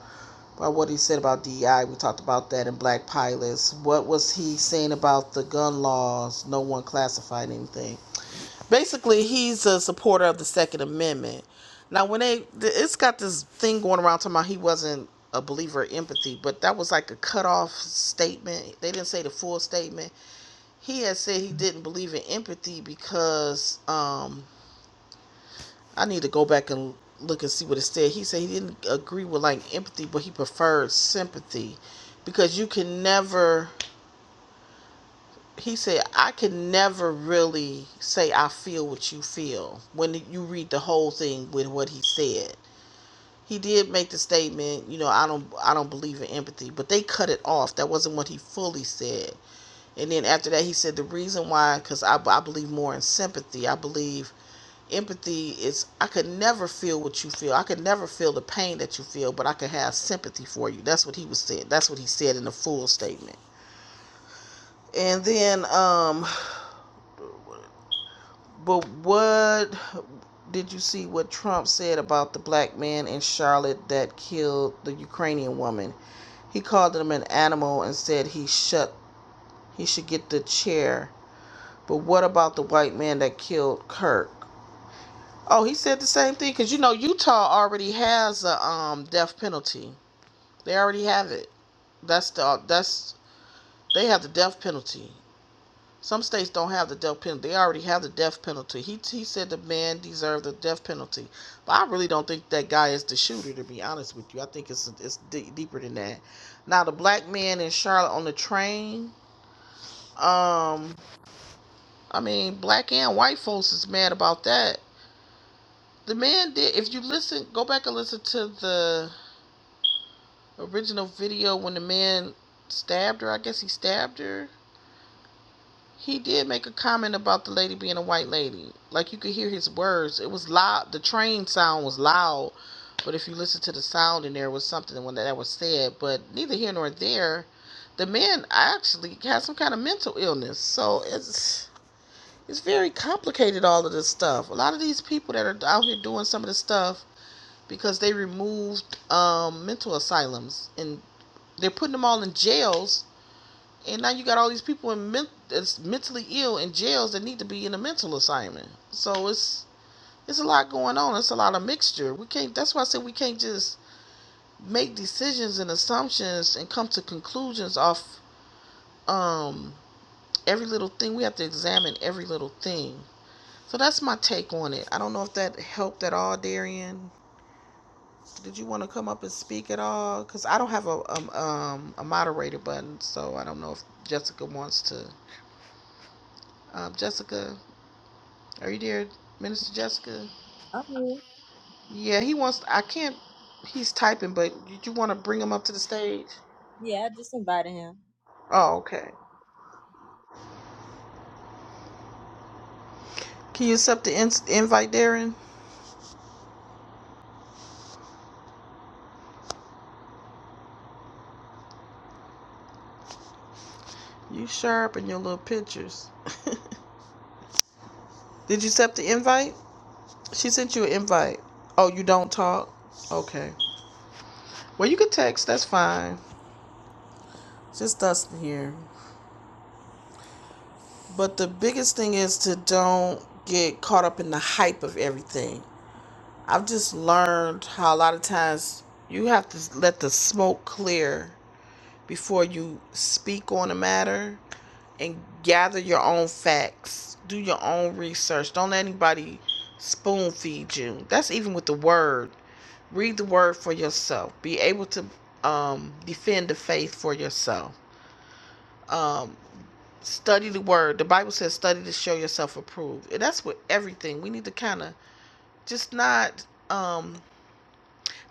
Speaker 6: But what he said about DEI, we talked about that in Black Pilots. What was he saying about the gun laws? No one classified anything. Basically, he's a supporter of the Second Amendment. Now, when they, th- it's got this thing going around talking about he wasn't a believer in empathy, but that was like a cutoff statement. They didn't say the full statement he had said he didn't believe in empathy because um I need to go back and look and see what it said. He said he didn't agree with like empathy, but he preferred sympathy because you can never he said I can never really say I feel what you feel when you read the whole thing with what he said. He did make the statement, you know, I don't I don't believe in empathy, but they cut it off. That wasn't what he fully said. And then after that, he said the reason why, because I, I believe more in sympathy. I believe empathy is I could never feel what you feel. I could never feel the pain that you feel, but I could have sympathy for you. That's what he was saying. That's what he said in the full statement. And then um but what did you see what Trump said about the black man in Charlotte that killed the Ukrainian woman? He called him an animal and said he shut he should get the chair. But what about the white man that killed Kirk? Oh, he said the same thing because you know Utah already has a um death penalty. They already have it. That's the uh, that's they have the death penalty. Some states don't have the death penalty. They already have the death penalty. He he said the man deserved the death penalty, but I really don't think that guy is the shooter. To be honest with you, I think it's it's d- deeper than that. Now the black man in Charlotte on the train. Um, I mean black and white folks is mad about that. The man did. If you listen, go back and listen to the original video when the man stabbed her. I guess he stabbed her. He did make a comment about the lady being a white lady. Like you could hear his words. It was loud. The train sound was loud, but if you listen to the sound in there, was something when that was said. But neither here nor there. The man actually has some kind of mental illness. So it's it's very complicated all of this stuff. A lot of these people that are out here doing some of this stuff because they removed um, mental asylums and they're putting them all in jails, and now you got all these people in men- that's mentally ill in jails that need to be in a mental assignment. So it's it's a lot going on. It's a lot of mixture. We can't. That's why I said we can't just make decisions and assumptions and come to conclusions off um, every little thing. We have to examine every little thing. So that's my take on it. I don't know if that helped at all, Darian. Did you want to come up and speak at all? Because I don't have a um, um, a moderator button, so I don't know if Jessica wants to Um, Jessica, are you there, Minister Jessica?
Speaker 4: Oh.
Speaker 6: Yeah, he wants. I can't. He's typing, but did you want to bring him up to the stage?
Speaker 4: Yeah, I just invited him.
Speaker 6: Oh, okay. Can you accept the in- invite, Darren? You sharp in your little pictures. did you accept the invite? She sent you an invite. Oh, you don't talk? Okay. Well, you could text. That's fine. Just us here. But the biggest thing is to don't get caught up in the hype of everything. I've just learned how a lot of times you have to let the smoke clear before you speak on a matter and gather your own facts. Do your own research. Don't let anybody spoon feed you. That's even with the word. Read the word for yourself. Be able to um, defend the faith for yourself. Um, study the word. The Bible says, study to show yourself approved. And that's with everything. We need to kind of just not. Um,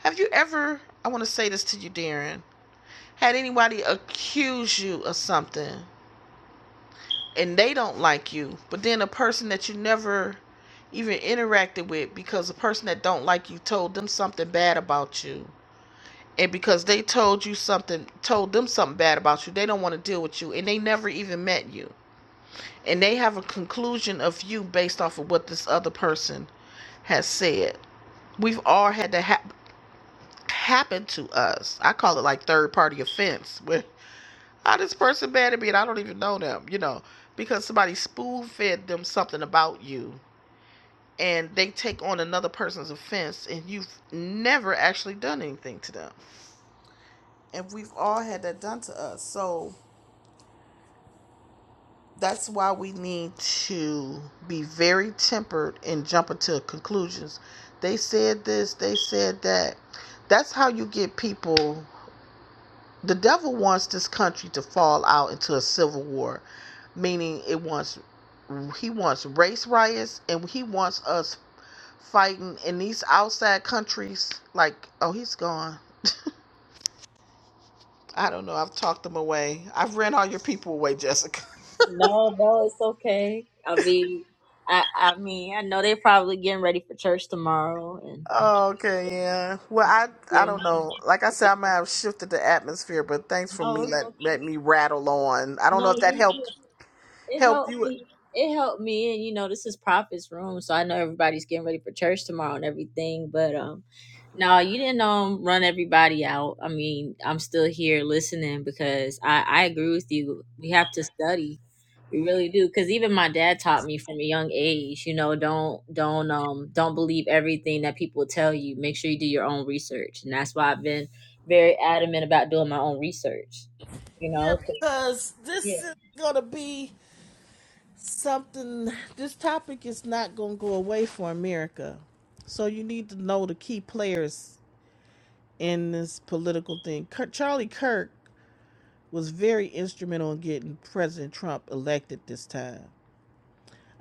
Speaker 6: Have you ever, I want to say this to you, Darren, had anybody accuse you of something and they don't like you, but then a person that you never even interacted with because a person that don't like you told them something bad about you. And because they told you something, told them something bad about you, they don't want to deal with you and they never even met you. And they have a conclusion of you based off of what this other person has said. We've all had that hap happen to us. I call it like third party offense, where How this person mad at me and I don't even know them, you know, because somebody spoon fed them something about you and they take on another person's offense and you've never actually done anything to them. And we've all had that done to us. So that's why we need to be very tempered in jumping to conclusions. They said this, they said that. That's how you get people. The devil wants this country to fall out into a civil war meaning it wants he wants race riots and he wants us fighting in these outside countries like oh he's gone i don't know i've talked them away i've ran all your people away jessica
Speaker 4: No, no, it's okay. I mean, I, I mean, I know they're probably getting ready for church tomorrow, and
Speaker 6: okay yeah well i i
Speaker 4: yeah,
Speaker 6: don't know like i said i might have shifted the atmosphere but thanks for
Speaker 4: no,
Speaker 6: me
Speaker 4: it's
Speaker 6: let
Speaker 4: okay.
Speaker 6: let me rattle on i don't know
Speaker 4: no,
Speaker 6: if that
Speaker 4: you're good.
Speaker 6: helped
Speaker 4: it
Speaker 6: helped
Speaker 4: helped
Speaker 6: you
Speaker 4: me. It helped me, and you know, this is Prophet's room, so I know everybody's getting ready for church tomorrow and everything. But um, no, you didn't um run everybody out. I mean, I'm still here listening because I I agree with you. We have to study, we really do. Because even my dad taught me from a young age, you know, don't don't um don't believe everything that people tell you. Make sure you do your own research, and that's why I've been very adamant about doing my own research. You
Speaker 6: yeah
Speaker 4: know, 'cause-
Speaker 6: because this
Speaker 4: yeah,
Speaker 6: is gonna be something this topic is not going to go away for america so you need to know the key players in this political thing Kir- charlie kirk was very instrumental in getting president trump elected this time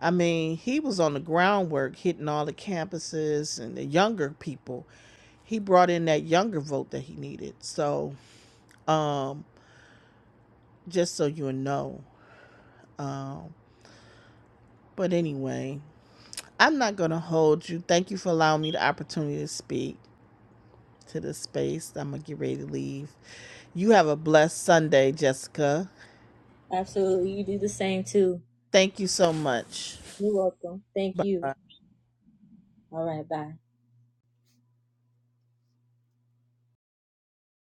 Speaker 6: i mean he was on the groundwork hitting all the campuses and the younger people he brought in that younger vote that he needed so um just so you know um but anyway i'm not going to hold you thank you for allowing me the opportunity to speak to the space. I'm going to get ready to leave. You have a blessed Sunday, Jessica.
Speaker 4: absolutely. You do the same too.
Speaker 6: Thank you so much.
Speaker 4: You're welcome. Thank
Speaker 6: Bye.
Speaker 4: you. All right. Bye.